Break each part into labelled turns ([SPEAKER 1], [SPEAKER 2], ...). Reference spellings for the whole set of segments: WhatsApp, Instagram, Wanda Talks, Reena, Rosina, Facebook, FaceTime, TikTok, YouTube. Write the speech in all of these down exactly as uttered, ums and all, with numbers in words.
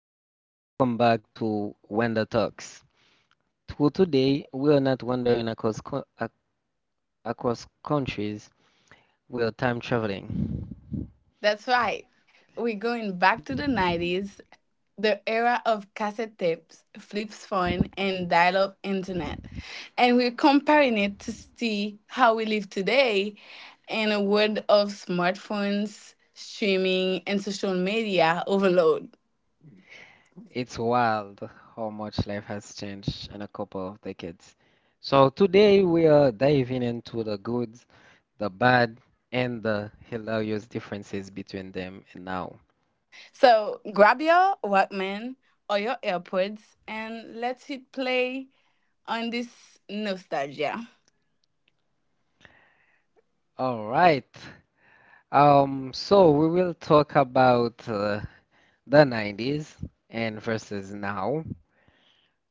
[SPEAKER 1] everyone, welcome back to Wanda Talks. To today, we are not wandering across co- ac- across countries. We are time traveling.
[SPEAKER 2] That's right. We're going back to the nineties, the era of cassette tapes, flip phone, and dial up internet. And we're comparing it to see how we live today in a world of smartphones, streaming, and social media overload.
[SPEAKER 1] It's wild how much life has changed in a couple of decades. So today we are diving into the good, the bad, and the hilarious differences between them and now.
[SPEAKER 2] So grab your Walkman or your AirPods and let's hit play on this nostalgia.
[SPEAKER 1] All right. Um, so we will talk about uh, the nineties and versus now.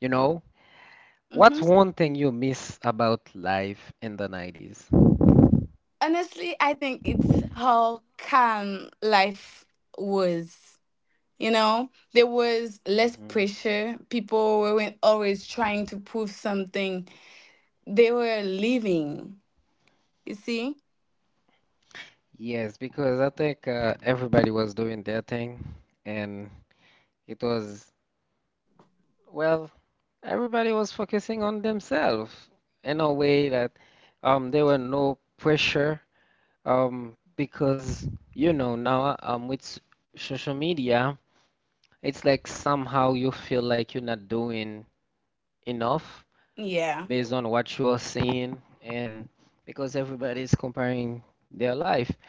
[SPEAKER 1] You know, what's
[SPEAKER 2] Mhm.
[SPEAKER 1] one thing you miss about life in the nineties?
[SPEAKER 2] Honestly, I think it's how calm life was. You know, there was less pressure. People weren't always trying to prove something. They were living. You see?
[SPEAKER 1] Yes, because I think uh, everybody was doing their thing, and it was, well, everybody was focusing on themselves in a way that um, there were no pressure um, because, you know, now um, with s- social media, it's like somehow you feel like you're not doing enough
[SPEAKER 2] Yeah.
[SPEAKER 1] based on what you are seeing and because everybody's comparing their life.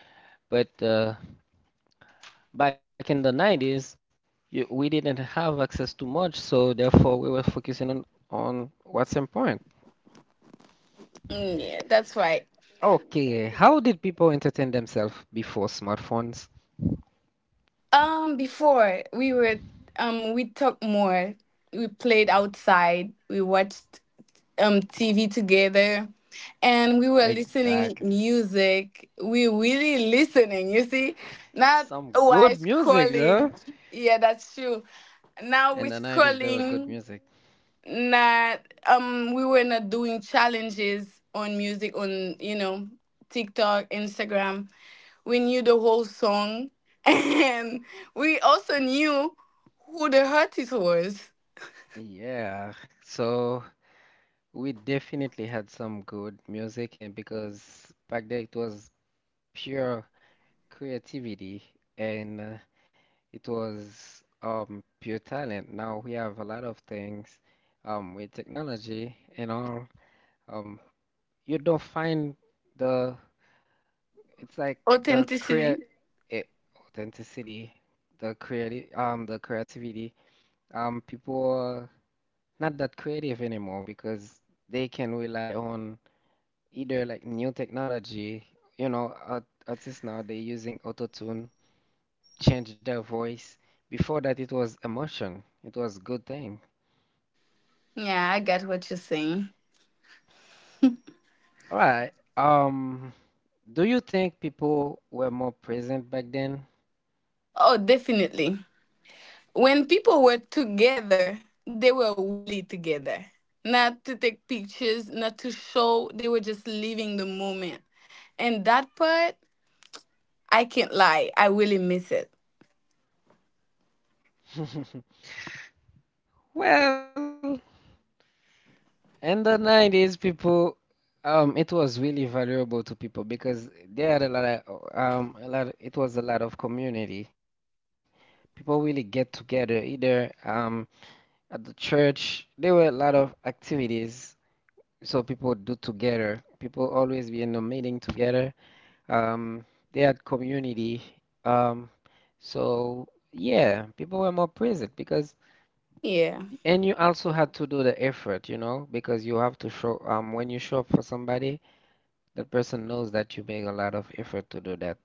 [SPEAKER 1] But uh, back in the nineties, you, we didn't have access to much, so therefore we were focusing on, on what's important.
[SPEAKER 2] Mm, yeah, that's right.
[SPEAKER 1] Okay, how did people entertain themselves before smartphones?
[SPEAKER 2] Um, before we were um we talked more. We played outside. We watched um T V together and we were listening
[SPEAKER 1] Exactly.
[SPEAKER 2] music. We really listening, you see? Not
[SPEAKER 1] Some
[SPEAKER 2] while
[SPEAKER 1] good music
[SPEAKER 2] scrolling.
[SPEAKER 1] though.
[SPEAKER 2] Yeah, that's true. Now we're
[SPEAKER 1] In the nineties, there were good
[SPEAKER 2] scrolling.
[SPEAKER 1] music.
[SPEAKER 2] Not um, we were not doing challenges on music on, you know, TikTok, Instagram. We knew the whole song, and we also knew who the artist was.
[SPEAKER 1] Yeah, so we definitely had some good music, and because back then it was pure creativity and uh, it was um, pure talent. Now we have a lot of things um, with technology and all. Um, you don't find the, it's like the
[SPEAKER 2] Authenticity.
[SPEAKER 1] crea eh, authenticity, the creative, um, the creativity. Um, people are not that creative anymore because they can rely on either like new technology. You know, art, artists now they're using auto-tune change their voice. Before that, it was emotion. It was good thing.
[SPEAKER 2] Yeah, I got what you're saying.
[SPEAKER 1] All right. Um, do you think people were more present back then?
[SPEAKER 2] Oh, definitely. When people were together, they were really together. Not to take pictures, not to show, they were just living the moment. And that part I can't lie. I really miss it.
[SPEAKER 1] Well, in the nineties, people, um, it was really valuable to people because they had a lot of, um, a lot, it was a lot of community. People really get together either um, at the church. There were a lot of activities so people do together. People always be in a meeting together. Um, they had community. Um, so yeah, people were more present because,
[SPEAKER 2] Yeah.
[SPEAKER 1] and you also had to do the effort, you know, because you have to show, um, when you show up for somebody, that person knows that you make a lot of effort to do that.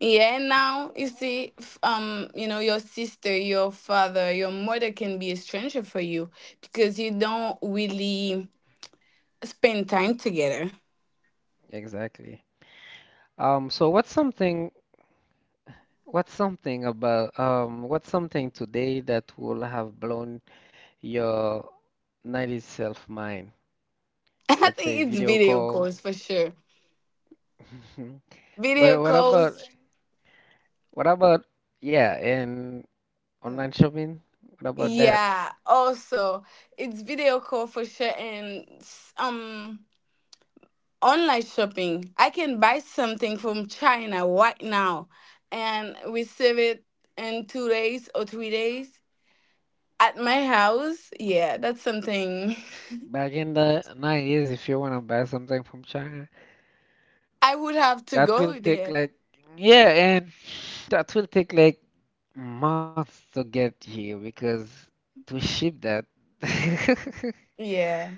[SPEAKER 2] Yeah, and now you see, f- um, you know, your sister, your father, your mother can be a stranger for you because you don't really spend time together.
[SPEAKER 1] Exactly. Um, so what's something, what's something about, um, what's something today that will have blown your nineties self mind?
[SPEAKER 2] I
[SPEAKER 1] Let's say
[SPEAKER 2] think it's
[SPEAKER 1] video
[SPEAKER 2] video
[SPEAKER 1] call.
[SPEAKER 2] calls for sure. Video
[SPEAKER 1] But what about
[SPEAKER 2] calls.
[SPEAKER 1] What about, yeah, and online shopping? What about that?
[SPEAKER 2] Yeah, also, it's video call for sure and s- um online shopping. I can buy something from China right now and receive it in two days or three days at my house. Yeah, that's something.
[SPEAKER 1] Back in the nineties, if you want to buy something from China,
[SPEAKER 2] I would have to
[SPEAKER 1] that will
[SPEAKER 2] go
[SPEAKER 1] take
[SPEAKER 2] there.
[SPEAKER 1] like, yeah, and that will take like months to get here because to ship that,
[SPEAKER 2] Yeah,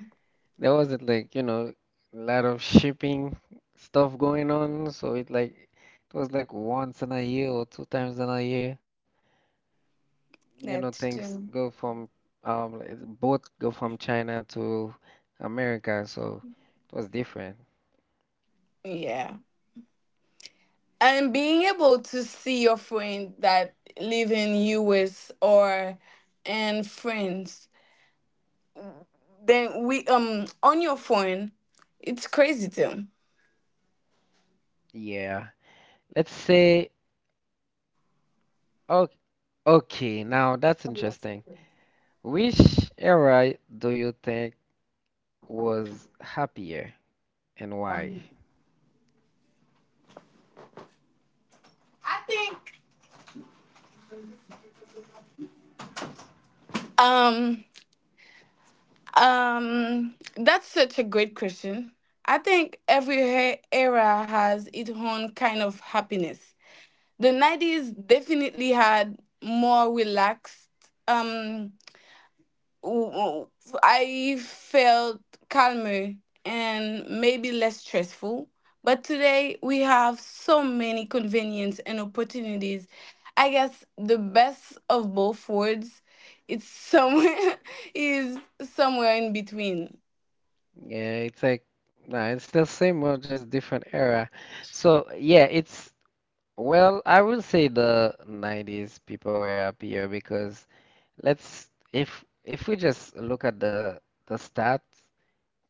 [SPEAKER 1] there wasn't like, you know, a lot of shipping stuff going on. So it like, it was like once in a year or two times in a year. You know
[SPEAKER 2] that's
[SPEAKER 1] things
[SPEAKER 2] true.
[SPEAKER 1] go from um like, both go from China to America, so it was different.
[SPEAKER 2] Yeah. And being able to see your friend that live in U S or and friends, then we um on your phone, it's crazy too.
[SPEAKER 1] Yeah. Let's say okay, okay, now that's interesting. Which era do you think was happier and why?
[SPEAKER 2] I think. Um. Um, that's such a great question. I think every he- era has its own kind of happiness. The nineties definitely had more relaxed. Um, w- w- I felt calmer and maybe less stressful. But today we have so many convenience and opportunities. I guess the best of both worlds it's somewhere is somewhere in between.
[SPEAKER 1] Yeah, it's like nah, it's the same or just different era. So yeah, it's well, I will say the nineties people were happier because. Let's if if we just look at the the stats,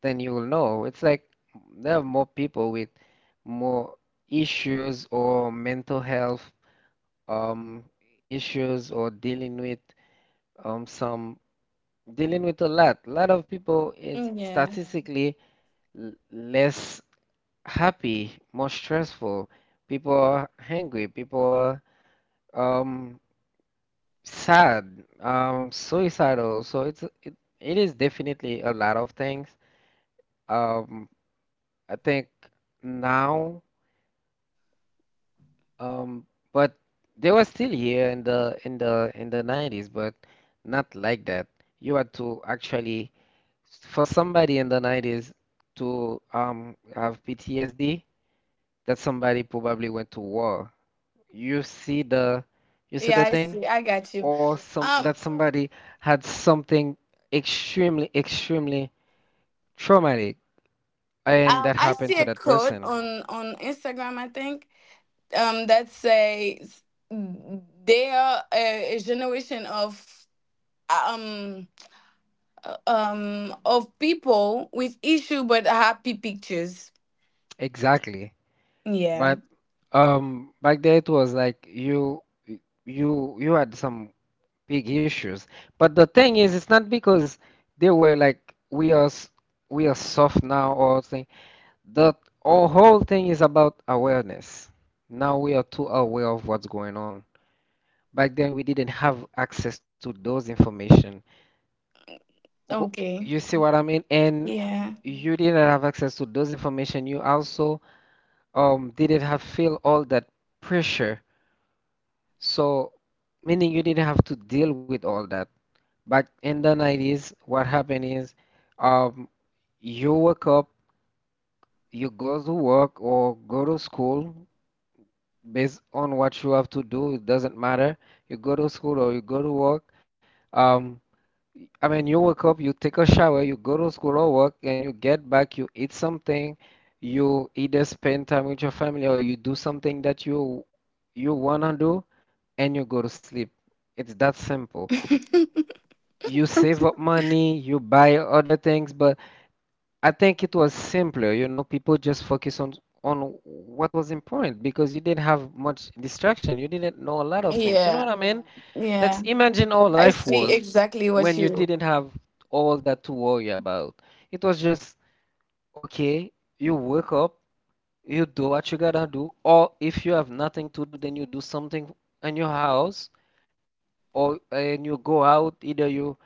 [SPEAKER 1] then you will know it's like there are more people with more issues or mental health um issues or dealing with um some dealing with a lot. A lot of people is
[SPEAKER 2] Mm, yeah.
[SPEAKER 1] statistically l- less happy, more stressful. People are angry. People are um sad, um, suicidal. So it's it, it is definitely a lot of things. Um, I think now, um, but they were still here in the in the in the nineties, but not like that. You had to actually, for somebody in the nineties to um have P T S D, that somebody probably went to war. You see the you see
[SPEAKER 2] Yeah,
[SPEAKER 1] the
[SPEAKER 2] I
[SPEAKER 1] thing?
[SPEAKER 2] see. I got you.
[SPEAKER 1] Or some
[SPEAKER 2] Um,
[SPEAKER 1] that somebody had something extremely, extremely traumatic and
[SPEAKER 2] um,
[SPEAKER 1] that
[SPEAKER 2] I
[SPEAKER 1] happened
[SPEAKER 2] see
[SPEAKER 1] to
[SPEAKER 2] a
[SPEAKER 1] that
[SPEAKER 2] quote
[SPEAKER 1] person.
[SPEAKER 2] on on Instagram, I think, um, that says they are a, a generation of um uh, um of people with issue but happy pictures.
[SPEAKER 1] Exactly.
[SPEAKER 2] Yeah.
[SPEAKER 1] But um back there it was like you you you had some big issues. But the thing is it's not because they were like we are s- we are soft now or thing. The Our whole thing is about awareness. Now we are too aware of what's going on. Back then we didn't have access to those information. Okay.
[SPEAKER 2] Okay.
[SPEAKER 1] You see what I mean? And
[SPEAKER 2] Yeah.
[SPEAKER 1] you didn't have access to those information. You also um, didn't have feel all that pressure. So, meaning you didn't have to deal with all that. Back in the nineties, what happened is um, you wake up, you go to work or go to school based on what you have to do. It doesn't matter. You go to school or you go to work. Um, I mean, you wake up, you take a shower, you go to school or work, and you get back, you eat something, you either spend time with your family or you do something that you you wanna do, and you go to sleep. It's that simple. You save up money, you buy other things, but I think it was simpler, you know, people just focus on on what was important because you didn't have much distraction. You didn't know a lot of things. You know
[SPEAKER 2] Yeah,
[SPEAKER 1] what I mean?
[SPEAKER 2] yeah.
[SPEAKER 1] Let's imagine how
[SPEAKER 2] I
[SPEAKER 1] life
[SPEAKER 2] see
[SPEAKER 1] was
[SPEAKER 2] exactly what
[SPEAKER 1] when you
[SPEAKER 2] you.
[SPEAKER 1] didn't have all that to worry about. It was just, okay, you wake up, you do what you gotta do, or if you have nothing to do, then you do something in your house, or and you go out, either you,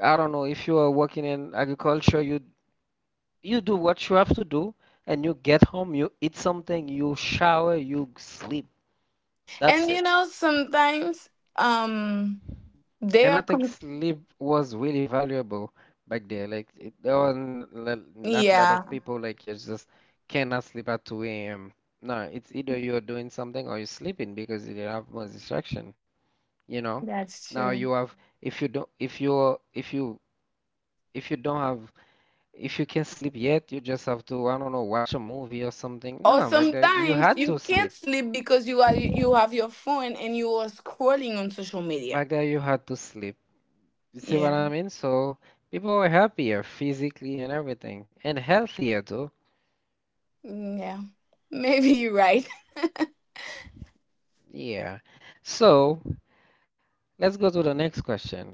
[SPEAKER 1] I don't know, if you are working in agriculture, you you do what you have to do, and you get home, you eat something, you shower, you sleep.
[SPEAKER 2] And
[SPEAKER 1] That's
[SPEAKER 2] you
[SPEAKER 1] it.
[SPEAKER 2] know sometimes um they
[SPEAKER 1] And I
[SPEAKER 2] are
[SPEAKER 1] think
[SPEAKER 2] com-
[SPEAKER 1] sleep was really valuable back there. Like it, there were n- l- not a lot of
[SPEAKER 2] yeah,
[SPEAKER 1] people like you just cannot sleep at two a m. No, it's either you're doing something or you're sleeping because you have more distraction, you know.
[SPEAKER 2] that's
[SPEAKER 1] Now you
[SPEAKER 2] true.
[SPEAKER 1] have if you don't if you if you if you don't have if you can't sleep yet, you just have to I don't know watch a movie or something.
[SPEAKER 2] Or
[SPEAKER 1] No, back there you
[SPEAKER 2] sometimes
[SPEAKER 1] had
[SPEAKER 2] you
[SPEAKER 1] to
[SPEAKER 2] can't
[SPEAKER 1] sleep.
[SPEAKER 2] sleep because you are you have your phone and you are scrolling on social
[SPEAKER 1] Back
[SPEAKER 2] media.
[SPEAKER 1] there, you had to sleep. You see what
[SPEAKER 2] Yeah.
[SPEAKER 1] I mean? So people were happier physically and everything, and healthier too.
[SPEAKER 2] Mm, yeah. Maybe you're right.
[SPEAKER 1] Yeah. So let's go to the next question.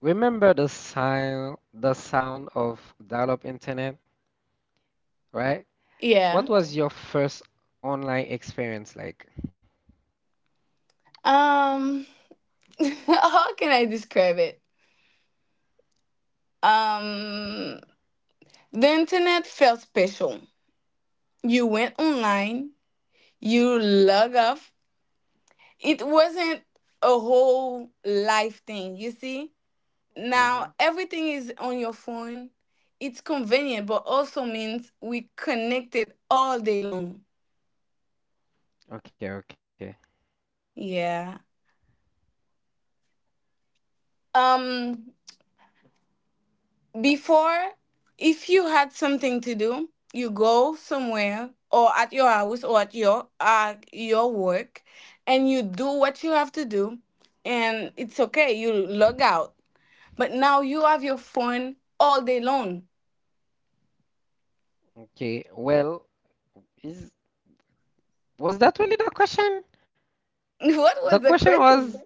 [SPEAKER 1] Remember the sign, the sound of dial-up internet, right?
[SPEAKER 2] Yeah.
[SPEAKER 1] What was your first online experience like?
[SPEAKER 2] Um how can I describe it? Um the internet felt special. You went online, you log off. It wasn't a whole life thing, you see?
[SPEAKER 1] Hmm.
[SPEAKER 2] Now, everything is on your phone. It's convenient, but also means we connected all day long.
[SPEAKER 1] Okay, okay,
[SPEAKER 2] Yeah. Um Before if you had something to do, you go somewhere or at your house or at your uh, your work and you do what you have to do and it's okay, you log out. But now you have your phone all day long.
[SPEAKER 1] okay. Well, is was that really the question?
[SPEAKER 2] What
[SPEAKER 1] The
[SPEAKER 2] was the
[SPEAKER 1] question was.
[SPEAKER 2] question?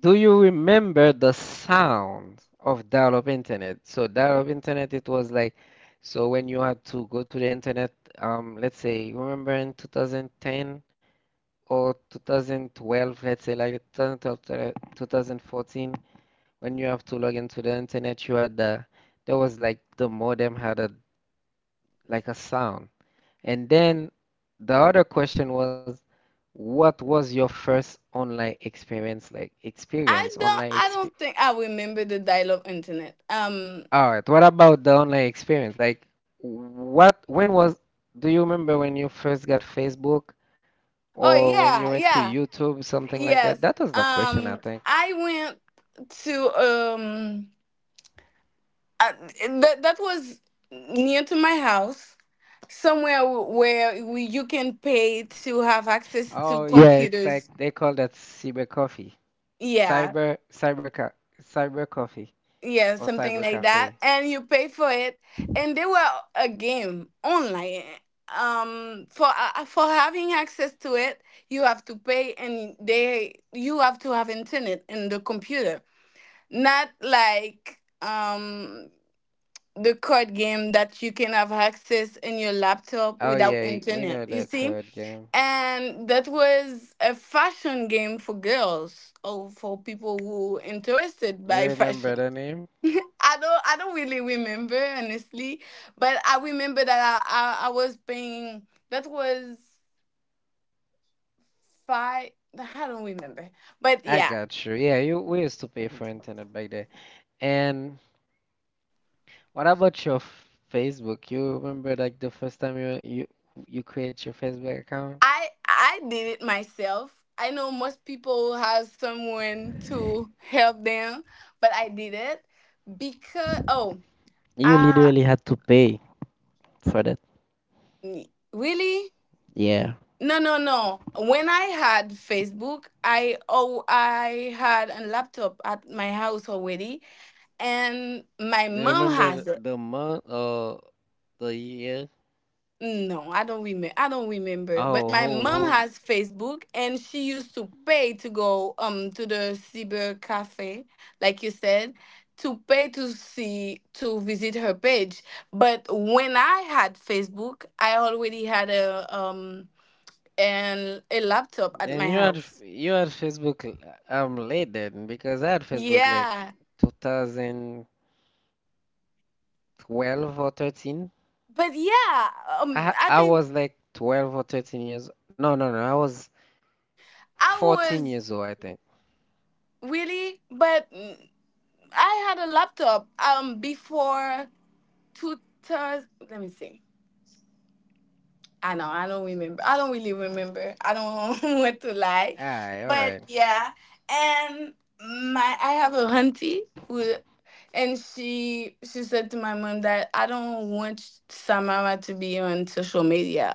[SPEAKER 1] Do you remember the sound of dial-up internet? So dial-up internet, it was like, so when you had to go to the internet, um, let's say, remember in twenty ten or twenty twelve, let's say like twenty twelve to twenty fourteen, when you have to log into the internet, you had the, there was like the modem had a like a sound. And then the other question was, what was your first online experience like?
[SPEAKER 2] I
[SPEAKER 1] Experience,
[SPEAKER 2] don't I
[SPEAKER 1] online
[SPEAKER 2] don't think I remember the dial-up internet. Um,
[SPEAKER 1] All right, what about the online experience? Like, what, when was, do you remember when you first got Facebook
[SPEAKER 2] oh
[SPEAKER 1] or when you
[SPEAKER 2] yeah,
[SPEAKER 1] went to
[SPEAKER 2] yeah.
[SPEAKER 1] YouTube, something like
[SPEAKER 2] Yes.
[SPEAKER 1] that? That was the question,
[SPEAKER 2] Um
[SPEAKER 1] I think.
[SPEAKER 2] I went to um uh, that that was near to my house somewhere wh- where we, you can pay to have access to
[SPEAKER 1] Oh, yeah, it's
[SPEAKER 2] computers.
[SPEAKER 1] like they call that cyber coffee,
[SPEAKER 2] Yeah,
[SPEAKER 1] cyber, cyber, ca cyber coffee
[SPEAKER 2] yeah,
[SPEAKER 1] or
[SPEAKER 2] something
[SPEAKER 1] cyber
[SPEAKER 2] like that,
[SPEAKER 1] cafe.
[SPEAKER 2] and you pay for it. And they were a game online. Um, for uh, for having access to it, you have to pay, and they you have to have internet in the computer, not like um the card game that you can have access in your laptop
[SPEAKER 1] Oh,
[SPEAKER 2] without
[SPEAKER 1] yeah, we
[SPEAKER 2] internet.
[SPEAKER 1] know
[SPEAKER 2] You
[SPEAKER 1] the
[SPEAKER 2] see,
[SPEAKER 1] card game.
[SPEAKER 2] and that was a fashion game for girls or for people who interested
[SPEAKER 1] You
[SPEAKER 2] by
[SPEAKER 1] remember
[SPEAKER 2] fashion.
[SPEAKER 1] the name?
[SPEAKER 2] I don't I don't really remember honestly, but I remember that I I, I was paying that was five. I don't remember. But
[SPEAKER 1] I
[SPEAKER 2] yeah,
[SPEAKER 1] got you. Yeah, you we used to pay for internet back there. And what about your f- Facebook? You remember like the first time you you you create your Facebook account?
[SPEAKER 2] I I did it myself. I know most people have someone to help them, but I did it because oh,
[SPEAKER 1] You
[SPEAKER 2] uh
[SPEAKER 1] literally had to pay for that.
[SPEAKER 2] really?
[SPEAKER 1] Yeah.
[SPEAKER 2] No, no, no. When I had Facebook, I oh I had a laptop at my house already and
[SPEAKER 1] Do
[SPEAKER 2] my
[SPEAKER 1] you
[SPEAKER 2] mom
[SPEAKER 1] remember th-
[SPEAKER 2] has it.
[SPEAKER 1] the month or the year?
[SPEAKER 2] No, I don't remember. I don't remember.
[SPEAKER 1] Oh,
[SPEAKER 2] But my
[SPEAKER 1] hold,
[SPEAKER 2] mom
[SPEAKER 1] hold.
[SPEAKER 2] has Facebook, and she used to pay to go um to the cyber cafe, like you said, to pay to see to visit her page. But when I had Facebook, I already had a um and a
[SPEAKER 1] Then
[SPEAKER 2] laptop
[SPEAKER 1] you
[SPEAKER 2] at
[SPEAKER 1] had
[SPEAKER 2] my
[SPEAKER 1] f- you
[SPEAKER 2] house.
[SPEAKER 1] had Facebook l- um late then because I had Facebook like
[SPEAKER 2] Yeah,
[SPEAKER 1] two thousand twelve or thirteen.
[SPEAKER 2] but yeah, um,
[SPEAKER 1] I
[SPEAKER 2] I
[SPEAKER 1] I
[SPEAKER 2] think
[SPEAKER 1] was like twelve or thirteen years. No, no, no. I was
[SPEAKER 2] I
[SPEAKER 1] fourteen
[SPEAKER 2] was
[SPEAKER 1] years old, I think.
[SPEAKER 2] really, but I had a laptop um before two thurs. Let me see. I know I don't remember. I don't really remember. I don't want to lie,
[SPEAKER 1] Aye, all
[SPEAKER 2] but
[SPEAKER 1] right.
[SPEAKER 2] yeah. And my I have a auntie who, and she she said to my mom that I don't want Samara to be on social media.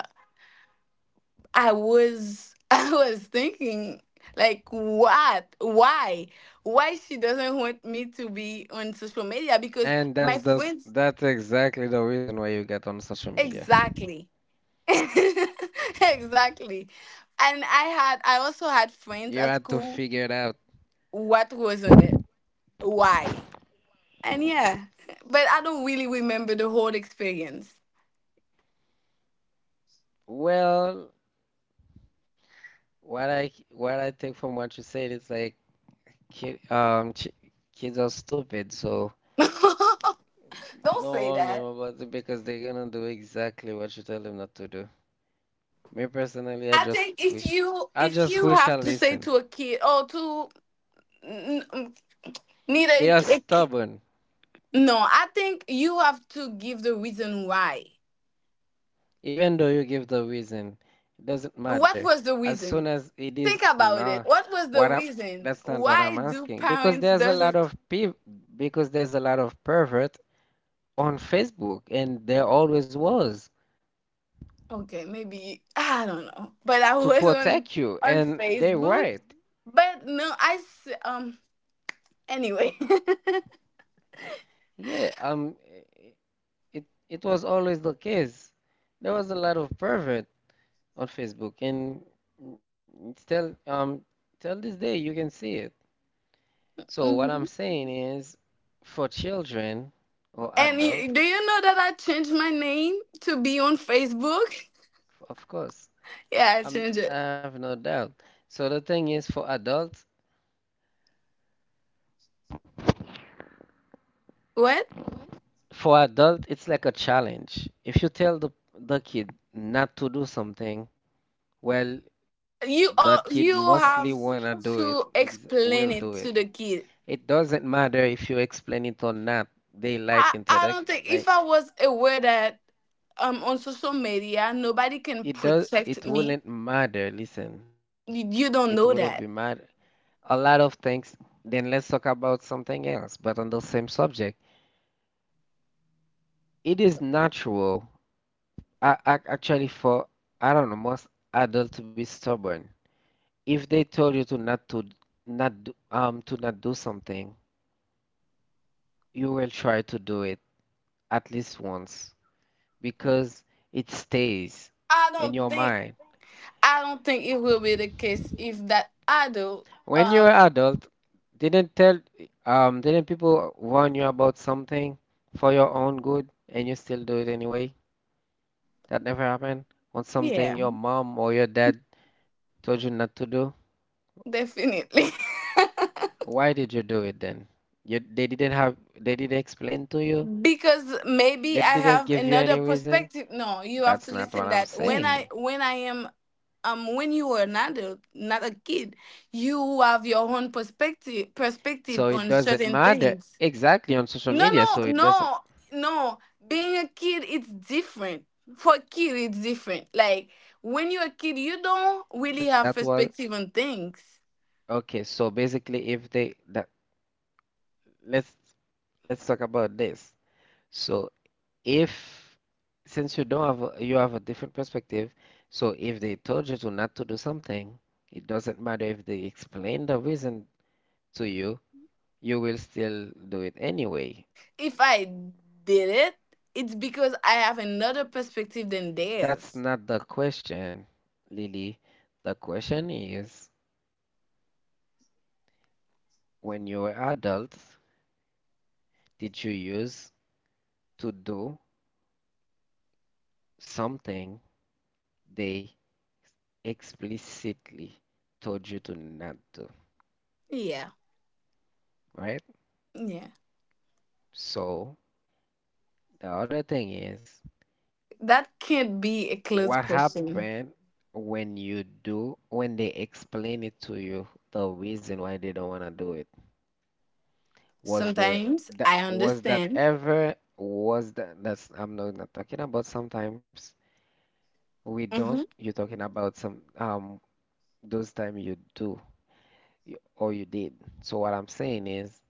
[SPEAKER 2] I was I was thinking like what why why she doesn't want me to be on social media because
[SPEAKER 1] And
[SPEAKER 2] my
[SPEAKER 1] that's the s-
[SPEAKER 2] friends.
[SPEAKER 1] that's exactly the reason why you get on social media.
[SPEAKER 2] Exactly. exactly. And I had I
[SPEAKER 1] You
[SPEAKER 2] also
[SPEAKER 1] had
[SPEAKER 2] had
[SPEAKER 1] to
[SPEAKER 2] friends
[SPEAKER 1] figure
[SPEAKER 2] at
[SPEAKER 1] it out.
[SPEAKER 2] school. What was on it? Why? And yeah. But I don't really remember the whole experience.
[SPEAKER 1] Well, what I what I take from what you said is like ki um ch kids are stupid, so
[SPEAKER 2] Don't
[SPEAKER 1] don't
[SPEAKER 2] say
[SPEAKER 1] warn them
[SPEAKER 2] that.
[SPEAKER 1] about it because they're gonna do exactly what you tell them not to do. Me personally, I
[SPEAKER 2] I
[SPEAKER 1] just
[SPEAKER 2] think
[SPEAKER 1] wish
[SPEAKER 2] if you
[SPEAKER 1] I just
[SPEAKER 2] if you
[SPEAKER 1] wish I
[SPEAKER 2] have to
[SPEAKER 1] listen.
[SPEAKER 2] say to a kid or to n- n- neither
[SPEAKER 1] They
[SPEAKER 2] a,
[SPEAKER 1] are
[SPEAKER 2] k- a k-
[SPEAKER 1] stubborn.
[SPEAKER 2] no, I think you have to give the reason why.
[SPEAKER 1] Even though you give the reason, it doesn't matter.
[SPEAKER 2] What was the
[SPEAKER 1] As soon
[SPEAKER 2] reason?
[SPEAKER 1] as it is,
[SPEAKER 2] Think about
[SPEAKER 1] nah,
[SPEAKER 2] it. What was the
[SPEAKER 1] what I,
[SPEAKER 2] reason?
[SPEAKER 1] that's not what I'm
[SPEAKER 2] Why do
[SPEAKER 1] asking. Because
[SPEAKER 2] parents
[SPEAKER 1] there's a lot
[SPEAKER 2] doesn't?
[SPEAKER 1] of people, because there's a lot of pervert on Facebook, and there always was
[SPEAKER 2] Okay, maybe I don't know. But I
[SPEAKER 1] to
[SPEAKER 2] was on
[SPEAKER 1] protect you,
[SPEAKER 2] on
[SPEAKER 1] and they
[SPEAKER 2] Facebook.
[SPEAKER 1] right.
[SPEAKER 2] But no, I s- um. Anyway,
[SPEAKER 1] Yeah, um, it it was always the case. There was a lot of pervert on Facebook, and it's still um till this day you can see it. So what I'm
[SPEAKER 2] hmm.
[SPEAKER 1] saying is, for children or
[SPEAKER 2] And you,
[SPEAKER 1] adult,
[SPEAKER 2] do you know that I changed my name to be on Facebook?
[SPEAKER 1] of course,
[SPEAKER 2] Yeah, I
[SPEAKER 1] I'm,
[SPEAKER 2] changed it.
[SPEAKER 1] I have no doubt. So the thing is, for adults,
[SPEAKER 2] What?
[SPEAKER 1] for adult, it's like a challenge. If you tell the the kid not to do something, well, that
[SPEAKER 2] You
[SPEAKER 1] kid
[SPEAKER 2] uh, you
[SPEAKER 1] mostly
[SPEAKER 2] have
[SPEAKER 1] wanna do it,
[SPEAKER 2] to
[SPEAKER 1] ex will do
[SPEAKER 2] explain
[SPEAKER 1] it.
[SPEAKER 2] it to the kid.
[SPEAKER 1] It doesn't matter if you explain it or not. They
[SPEAKER 2] I
[SPEAKER 1] like
[SPEAKER 2] I don't
[SPEAKER 1] introduction,
[SPEAKER 2] think if
[SPEAKER 1] like
[SPEAKER 2] I was aware that um on social media nobody can
[SPEAKER 1] it does.
[SPEAKER 2] protect
[SPEAKER 1] It
[SPEAKER 2] me.
[SPEAKER 1] wouldn't matter. Listen,
[SPEAKER 2] Y-
[SPEAKER 1] it
[SPEAKER 2] You don't
[SPEAKER 1] wouldn't be
[SPEAKER 2] know that.
[SPEAKER 1] mad a lot of things, then let's talk about something else, but on the same subject. It is natural, a- actually, for, I don't know, most adults to be stubborn. If they told you to not to not do, um to not do something, you will try to do it at least once because it stays
[SPEAKER 2] I
[SPEAKER 1] in
[SPEAKER 2] don't
[SPEAKER 1] your
[SPEAKER 2] think
[SPEAKER 1] mind.
[SPEAKER 2] I don't think it will be the case if that adult
[SPEAKER 1] When you're
[SPEAKER 2] um
[SPEAKER 1] adult, didn't tell um didn't people warn you about something for your own good and you still do it anyway? That never happened? On something
[SPEAKER 2] yeah,
[SPEAKER 1] your mom or your dad told you not to do?
[SPEAKER 2] definitely.
[SPEAKER 1] Why did you do it then? You, they didn't have, they didn't explain to you?
[SPEAKER 2] Because maybe
[SPEAKER 1] They
[SPEAKER 2] I
[SPEAKER 1] didn't
[SPEAKER 2] have
[SPEAKER 1] give you
[SPEAKER 2] another
[SPEAKER 1] any reason?
[SPEAKER 2] perspective. No, you have
[SPEAKER 1] That's
[SPEAKER 2] to
[SPEAKER 1] not what
[SPEAKER 2] listen
[SPEAKER 1] I'm
[SPEAKER 2] that when
[SPEAKER 1] saying.
[SPEAKER 2] I when I am um when you are an adult, not a kid, you have your own perspective
[SPEAKER 1] So
[SPEAKER 2] perspective
[SPEAKER 1] it
[SPEAKER 2] on
[SPEAKER 1] doesn't
[SPEAKER 2] certain
[SPEAKER 1] matter
[SPEAKER 2] things.
[SPEAKER 1] exactly on social
[SPEAKER 2] No,
[SPEAKER 1] media.
[SPEAKER 2] no,
[SPEAKER 1] So it doesn't,
[SPEAKER 2] no, no. Being a kid, it's different. For a kid, it's different. Like when you're a kid, you don't really
[SPEAKER 1] that
[SPEAKER 2] have
[SPEAKER 1] was,
[SPEAKER 2] perspective on things.
[SPEAKER 1] okay. So basically, if they, that, let's, let's talk about this. So if since you don't have a, you have a different perspective, so if they told you to not to do something, it doesn't matter if they explain the reason to you, you will still do it anyway.
[SPEAKER 2] If I did it, it's because I have another perspective than
[SPEAKER 1] That's
[SPEAKER 2] theirs.
[SPEAKER 1] not the question, Lily. The question is, when you were adult, did you use to do something they explicitly told you to not do,
[SPEAKER 2] Yeah,
[SPEAKER 1] right?
[SPEAKER 2] yeah.
[SPEAKER 1] So the other thing is.
[SPEAKER 2] That can't be a
[SPEAKER 1] What
[SPEAKER 2] closed question.
[SPEAKER 1] happened when you do, when they explain it to you, the reason why they don't want to do it? Was the
[SPEAKER 2] Sometimes
[SPEAKER 1] that
[SPEAKER 2] I
[SPEAKER 1] was that
[SPEAKER 2] understand.
[SPEAKER 1] ever was that that's I'm not, not talking about sometimes we don't.
[SPEAKER 2] Mm-hmm.
[SPEAKER 1] You're talking about some um Those time you do you- or you did. So what I'm saying is,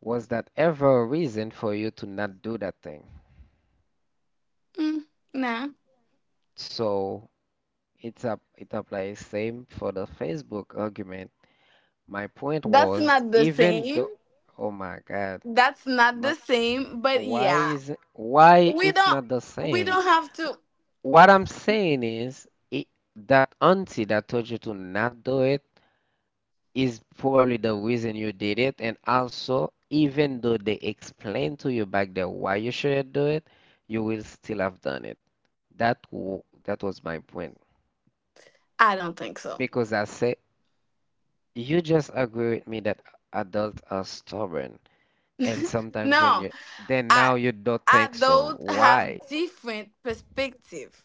[SPEAKER 1] was that ever a reason for you to not do that thing?
[SPEAKER 2] Mm, nah,
[SPEAKER 1] So it's up it applies same for the Facebook argument. My point
[SPEAKER 2] that's
[SPEAKER 1] was,
[SPEAKER 2] not the
[SPEAKER 1] even
[SPEAKER 2] same.
[SPEAKER 1] though, oh my God,
[SPEAKER 2] That's not
[SPEAKER 1] my
[SPEAKER 2] the same. But
[SPEAKER 1] why
[SPEAKER 2] yeah,
[SPEAKER 1] is why
[SPEAKER 2] we
[SPEAKER 1] it's
[SPEAKER 2] don't
[SPEAKER 1] not the
[SPEAKER 2] we
[SPEAKER 1] same?
[SPEAKER 2] don't have to.
[SPEAKER 1] What I'm saying is it, that auntie that told you to not do it is probably the reason you did it, and also even though they explained to you back there why you shouldn't do it, you will still have done it. That w that was my point
[SPEAKER 2] I don't think so.
[SPEAKER 1] because I say you just agree with me that adults are stubborn. And sometimes when
[SPEAKER 2] No,
[SPEAKER 1] you then
[SPEAKER 2] I
[SPEAKER 1] now you don't
[SPEAKER 2] I
[SPEAKER 1] think so.
[SPEAKER 2] those
[SPEAKER 1] Why?
[SPEAKER 2] have different perspective.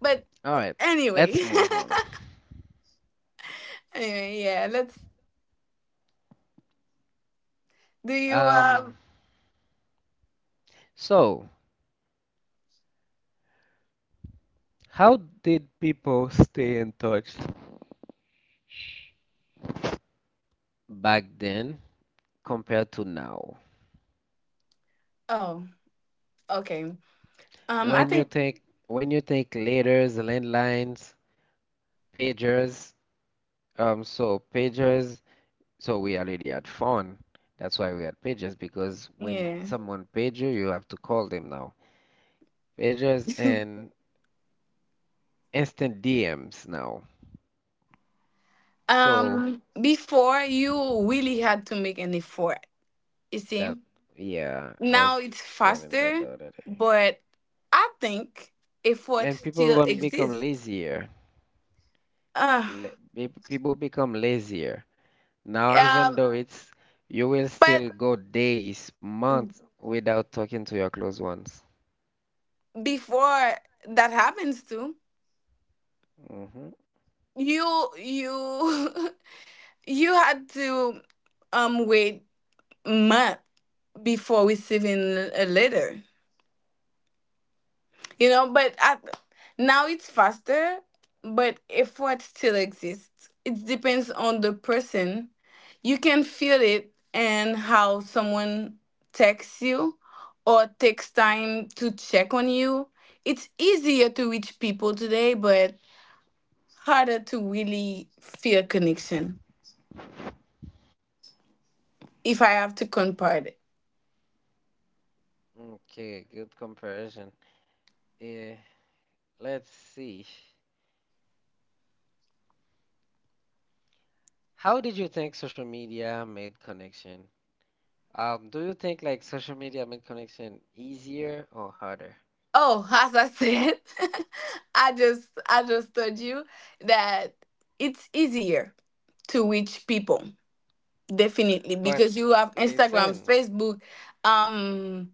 [SPEAKER 2] But
[SPEAKER 1] All right, let's
[SPEAKER 2] anyway,
[SPEAKER 1] move on.
[SPEAKER 2] anyway, yeah. Let's. Do you
[SPEAKER 1] Um,
[SPEAKER 2] um?
[SPEAKER 1] so how did people stay in touch back then compared to now?
[SPEAKER 2] Oh, okay. Um, I
[SPEAKER 1] When you
[SPEAKER 2] think
[SPEAKER 1] think when you think letters, landlines, pagers, um, so pagers, so we already had phone. That's why we had pagers because when
[SPEAKER 2] yeah.
[SPEAKER 1] someone page you, you have to call them now. Pagers and instant D Ms now. So
[SPEAKER 2] Um, before you really had to make an effort. You see,
[SPEAKER 1] that, yeah, I
[SPEAKER 2] now
[SPEAKER 1] was
[SPEAKER 2] it's
[SPEAKER 1] telling that
[SPEAKER 2] faster,
[SPEAKER 1] the other day.
[SPEAKER 2] but I think effort
[SPEAKER 1] And people
[SPEAKER 2] still
[SPEAKER 1] will become
[SPEAKER 2] exists.
[SPEAKER 1] lazier.
[SPEAKER 2] Uh,
[SPEAKER 1] La- pe- People become lazier. Now, even
[SPEAKER 2] um,
[SPEAKER 1] though it's, you will
[SPEAKER 2] but
[SPEAKER 1] still go days, months without talking to your close ones.
[SPEAKER 2] before that happens too.
[SPEAKER 1] Mm-hmm.
[SPEAKER 2] you you you had to um wait month before receiving a letter you know but I, now it's faster but effort still exists. It depends on the person, you can feel it and how someone texts you or takes time to check on you. It's easier to reach people today but harder to really feel connection if I have to convert it.
[SPEAKER 1] Okay, good comparison. Eh, let's see. How did you think social media made connection? Um, do you think like social media made connection easier or harder?
[SPEAKER 2] Oh, as I said, I just I just told you that it's easier to reach people definitely
[SPEAKER 1] But
[SPEAKER 2] because you have Instagram,
[SPEAKER 1] listen.
[SPEAKER 2] Facebook, um,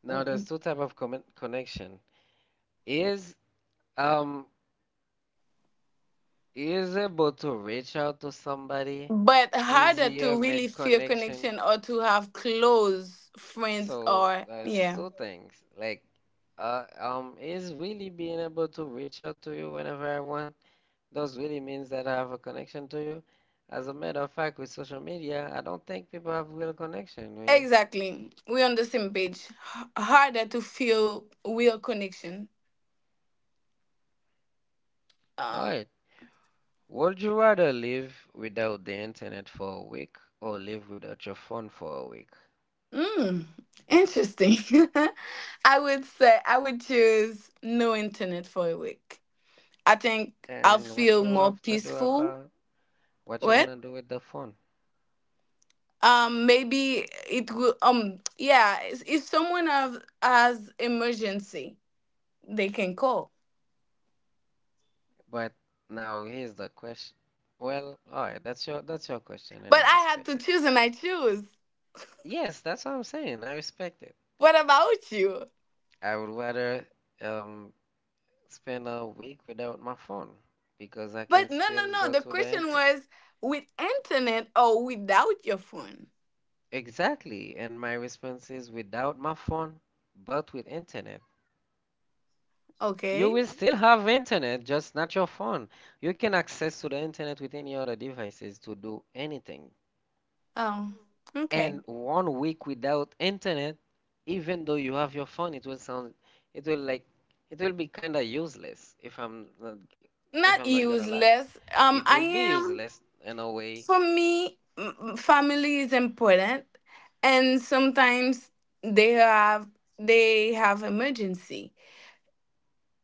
[SPEAKER 1] Now there's two type of commi- connection. Is um is able to reach out to somebody
[SPEAKER 2] but harder
[SPEAKER 1] easier
[SPEAKER 2] to really
[SPEAKER 1] made
[SPEAKER 2] feel
[SPEAKER 1] connection.
[SPEAKER 2] connection or to have close friends
[SPEAKER 1] So
[SPEAKER 2] or
[SPEAKER 1] there's
[SPEAKER 2] yeah.
[SPEAKER 1] two things. Like uh um is really being able to reach out to you whenever I want. Those really means that I have a connection to you. As a matter of fact, with social media, I don't think people have real connection really.
[SPEAKER 2] Exactly. We're on the same page. H- harder to feel real connection.
[SPEAKER 1] All
[SPEAKER 2] Um.
[SPEAKER 1] right. Would you rather live without the internet for a week or live without your phone for a week?
[SPEAKER 2] Mm, interesting. I would say I would choose no internet for a week. I think I'll
[SPEAKER 1] And what
[SPEAKER 2] feel
[SPEAKER 1] you
[SPEAKER 2] more
[SPEAKER 1] have to do
[SPEAKER 2] peaceful.
[SPEAKER 1] about what you're gonna
[SPEAKER 2] What?
[SPEAKER 1] do with the phone.
[SPEAKER 2] Um, maybe it will. Um, yeah. If if someone has, has emergency, they can call.
[SPEAKER 1] But now here's the question. Well, all right, that's your that's your question, and I
[SPEAKER 2] But I had
[SPEAKER 1] respect
[SPEAKER 2] to
[SPEAKER 1] it.
[SPEAKER 2] choose, and I choose.
[SPEAKER 1] Yes, that's what I'm saying. I respect it.
[SPEAKER 2] What about you?
[SPEAKER 1] I would rather um spend a week without my phone because I can
[SPEAKER 2] But no, no,
[SPEAKER 1] still
[SPEAKER 2] no.
[SPEAKER 1] go
[SPEAKER 2] The
[SPEAKER 1] to the
[SPEAKER 2] question
[SPEAKER 1] internet.
[SPEAKER 2] was with internet or without your phone.
[SPEAKER 1] Exactly, and my response is without my phone, but with internet. You
[SPEAKER 2] Okay.
[SPEAKER 1] will still have internet, just not your phone. You can access to the internet with any other devices to do anything.
[SPEAKER 2] Um. Okay.
[SPEAKER 1] And one week without internet, even though you have your phone, it will sound, it will like, it will be kind of useless if I'm not, g- if I'm
[SPEAKER 2] Not
[SPEAKER 1] not gonna lie.
[SPEAKER 2] useless.
[SPEAKER 1] It
[SPEAKER 2] Um,
[SPEAKER 1] will
[SPEAKER 2] I
[SPEAKER 1] be
[SPEAKER 2] am,
[SPEAKER 1] useless in a way.
[SPEAKER 2] for me, m- family is important, and sometimes they have they have emergency.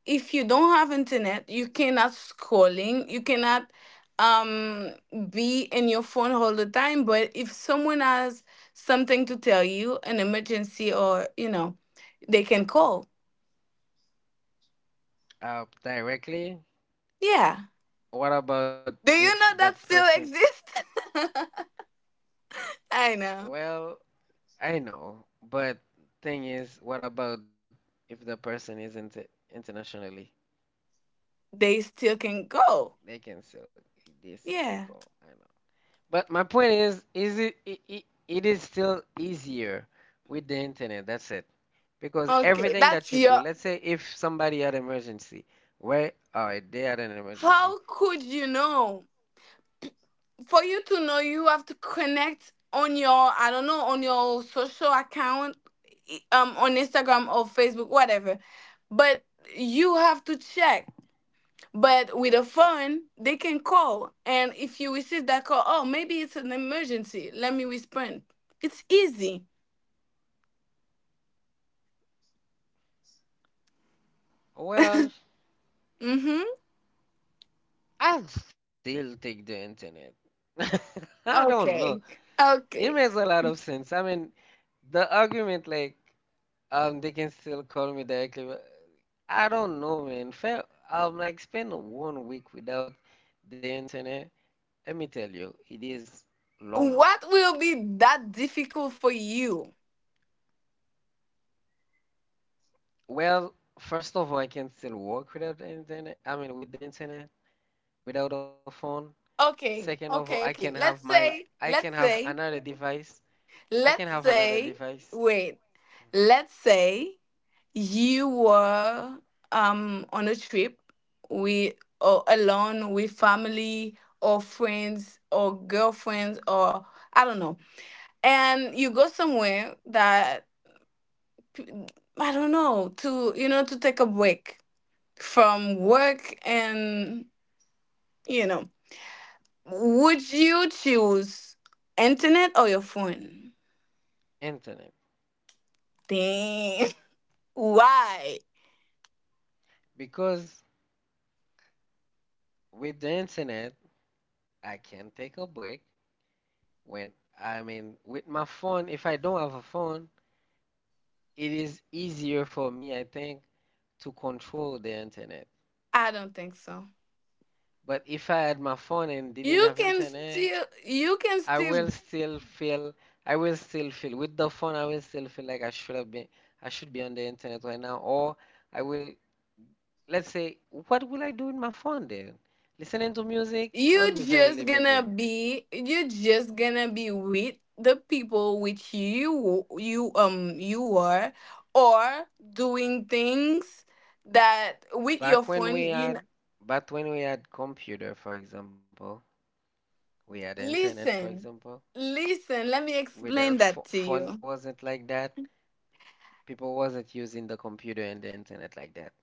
[SPEAKER 2] If you don't have internet, you cannot scrolling, you cannot um be in your phone all the time, but if someone has something to tell you, an emergency or, you know, they can
[SPEAKER 1] Hmm.
[SPEAKER 2] call.
[SPEAKER 1] Uh, directly.
[SPEAKER 2] Yeah.
[SPEAKER 1] What about
[SPEAKER 2] Do
[SPEAKER 1] if
[SPEAKER 2] you know
[SPEAKER 1] that
[SPEAKER 2] that
[SPEAKER 1] person?
[SPEAKER 2] still exists? I know.
[SPEAKER 1] Well, I know, but thing is, what about if the person is inter internationally?
[SPEAKER 2] They still can go.
[SPEAKER 1] They can still, they still can
[SPEAKER 2] Yeah.
[SPEAKER 1] call. But my point is, is it, it it it is still easier with the internet. That's it. Because
[SPEAKER 2] Okay,
[SPEAKER 1] everything
[SPEAKER 2] that's
[SPEAKER 1] that you
[SPEAKER 2] your.
[SPEAKER 1] do, let's say if somebody had an emergency, where all right, they had an
[SPEAKER 2] How
[SPEAKER 1] emergency.
[SPEAKER 2] could you know? For you to know, you have to connect on your, I don't know, on your social account, i- um, on Instagram or Facebook, whatever. But you have to check. But with a phone, they can call, and if you receive that call, oh, maybe it's an emergency. Let me respond. It's easy.
[SPEAKER 1] Well,
[SPEAKER 2] Mm-hmm.
[SPEAKER 1] I'll still take the internet. I don't know.
[SPEAKER 2] Okay.
[SPEAKER 1] It makes
[SPEAKER 2] Okay.
[SPEAKER 1] a lot of sense. I mean, the argument like um they can still call me directly, but I don't know, man. Fair, um like spend one week without the internet. Let me tell you, it is long.
[SPEAKER 2] What will be that difficult for you?
[SPEAKER 1] Well, first of all, I can still work without internet. I mean, with the internet, without a phone. Second
[SPEAKER 2] Okay,
[SPEAKER 1] of all, I
[SPEAKER 2] okay,
[SPEAKER 1] can
[SPEAKER 2] okay.
[SPEAKER 1] have
[SPEAKER 2] Let's
[SPEAKER 1] my,
[SPEAKER 2] say,
[SPEAKER 1] I can
[SPEAKER 2] let's
[SPEAKER 1] have
[SPEAKER 2] say,
[SPEAKER 1] another device. I can
[SPEAKER 2] let's
[SPEAKER 1] have another
[SPEAKER 2] say,
[SPEAKER 1] device,
[SPEAKER 2] wait, let's say you were um on a trip with, or alone with family or friends or girlfriends or I don't know, and you go somewhere that p- I don't know, to you know to take a break from work. and you know, would you choose internet or your phone?
[SPEAKER 1] internet.
[SPEAKER 2] Damn. Why?
[SPEAKER 1] Because with the internet, I can take a break when, I mean, with my phone, if I don't have a phone, it is easier for me, I think, to control the internet.
[SPEAKER 2] I don't think so.
[SPEAKER 1] But if I had my phone and didn't
[SPEAKER 2] You
[SPEAKER 1] have
[SPEAKER 2] can
[SPEAKER 1] internet,
[SPEAKER 2] still you can
[SPEAKER 1] I will
[SPEAKER 2] still
[SPEAKER 1] still feel, I will still feel, with the phone, I will still feel like I should have been, I should be on the internet right now. Or I will, let's say, what will I do with my phone then? Listening to music, I will
[SPEAKER 2] you
[SPEAKER 1] be very
[SPEAKER 2] just gonna
[SPEAKER 1] limited.
[SPEAKER 2] be you just gonna be with the people which you you um you are, or doing things that with your
[SPEAKER 1] Back when
[SPEAKER 2] phone
[SPEAKER 1] we
[SPEAKER 2] you kn-
[SPEAKER 1] had, back when we had computer, for example, we had internet, for
[SPEAKER 2] listen.
[SPEAKER 1] example.
[SPEAKER 2] Listen let me
[SPEAKER 1] Without
[SPEAKER 2] explain that
[SPEAKER 1] pho-
[SPEAKER 2] to
[SPEAKER 1] phone,
[SPEAKER 2] you.
[SPEAKER 1] wasn't like that. People wasn't using the computer and the internet like that.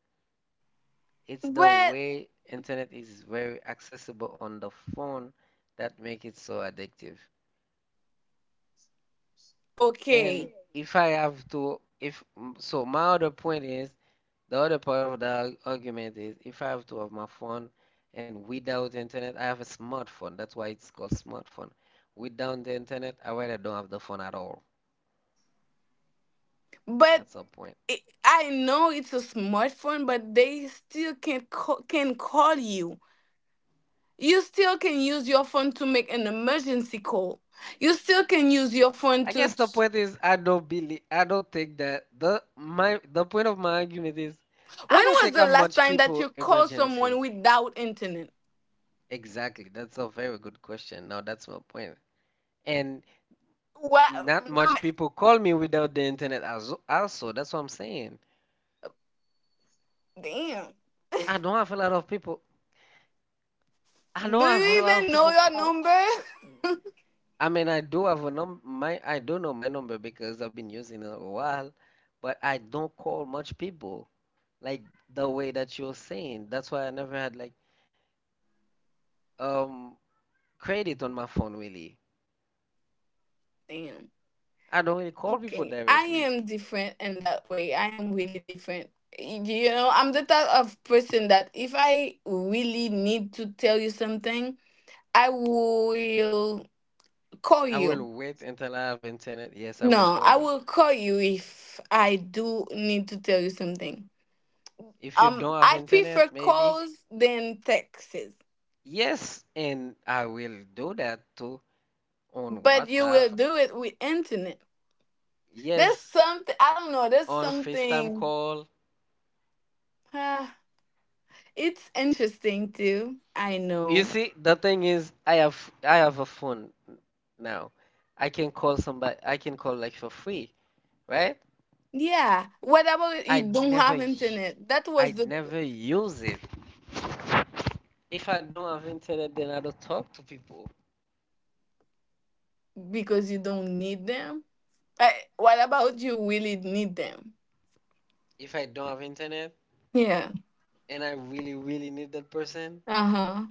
[SPEAKER 1] It's the
[SPEAKER 2] But
[SPEAKER 1] way internet is very accessible on the phone that make it so addictive. And
[SPEAKER 2] okay,
[SPEAKER 1] if I have to, if mm, so, my other point is the other part of the ar- argument is if I have to have my phone and without internet, I have a smartphone. That's why it's called smartphone. Without the internet, I rather don't have the phone at all.
[SPEAKER 2] but
[SPEAKER 1] That's the point.
[SPEAKER 2] it, I know it's a smartphone, but they still can call, can call you. You still can use your phone to make an emergency call. You still can use your
[SPEAKER 1] I
[SPEAKER 2] phone
[SPEAKER 1] guess
[SPEAKER 2] to.
[SPEAKER 1] the point is I don't believe I don't think that the my the point of my argument is I
[SPEAKER 2] When
[SPEAKER 1] don't
[SPEAKER 2] was
[SPEAKER 1] think
[SPEAKER 2] the
[SPEAKER 1] I'm
[SPEAKER 2] last
[SPEAKER 1] much
[SPEAKER 2] time that
[SPEAKER 1] people
[SPEAKER 2] you called someone
[SPEAKER 1] emergency.
[SPEAKER 2] without internet?
[SPEAKER 1] Exactly. That's a very good question. Now that's my point. And
[SPEAKER 2] What
[SPEAKER 1] not much
[SPEAKER 2] number?
[SPEAKER 1] people call me without the internet as also. That's what I'm saying.
[SPEAKER 2] Damn.
[SPEAKER 1] I don't have a lot of people. I don't
[SPEAKER 2] Do
[SPEAKER 1] have a
[SPEAKER 2] you
[SPEAKER 1] lot of
[SPEAKER 2] even know
[SPEAKER 1] people
[SPEAKER 2] your
[SPEAKER 1] call.
[SPEAKER 2] number?
[SPEAKER 1] I mean, I do have a num my I do know my number because I've been using it a while, but I don't call much people like the way that you're saying. That's why I never had like um credit on my phone really.
[SPEAKER 2] Damn.
[SPEAKER 1] I don't really call people
[SPEAKER 2] Okay, I
[SPEAKER 1] directly.
[SPEAKER 2] am different in that way. I am really different. Y- You know, I'm the type of person that if I really need to tell you something, I will call
[SPEAKER 1] I
[SPEAKER 2] you.
[SPEAKER 1] will wait until I have internet. Yes, I will
[SPEAKER 2] No, I
[SPEAKER 1] call you.
[SPEAKER 2] will call you if I do need to tell you something.
[SPEAKER 1] If you
[SPEAKER 2] Um,
[SPEAKER 1] don't have
[SPEAKER 2] I prefer
[SPEAKER 1] internet, maybe.
[SPEAKER 2] calls than texts,
[SPEAKER 1] Yes, and I will do that too on
[SPEAKER 2] but you
[SPEAKER 1] WhatsApp.
[SPEAKER 2] will do it with internet. There's
[SPEAKER 1] Yes,
[SPEAKER 2] something I don't know. There's
[SPEAKER 1] on FaceTime
[SPEAKER 2] something.
[SPEAKER 1] call.
[SPEAKER 2] ah, it's interesting too. I
[SPEAKER 1] You
[SPEAKER 2] know.
[SPEAKER 1] see, the thing is, I have I have a phone now. I can call somebody. I can call like for free, right?
[SPEAKER 2] Yeah, whatever you
[SPEAKER 1] I'd
[SPEAKER 2] don't
[SPEAKER 1] never
[SPEAKER 2] have
[SPEAKER 1] y-
[SPEAKER 2] internet, that was
[SPEAKER 1] I'd
[SPEAKER 2] the,
[SPEAKER 1] never use it. If I don't have internet, then I don't talk to people.
[SPEAKER 2] because you don't need them. Uh, what about you really need them?
[SPEAKER 1] If I don't have internet
[SPEAKER 2] Yeah.
[SPEAKER 1] and I really really need that person,
[SPEAKER 2] Uh-huh.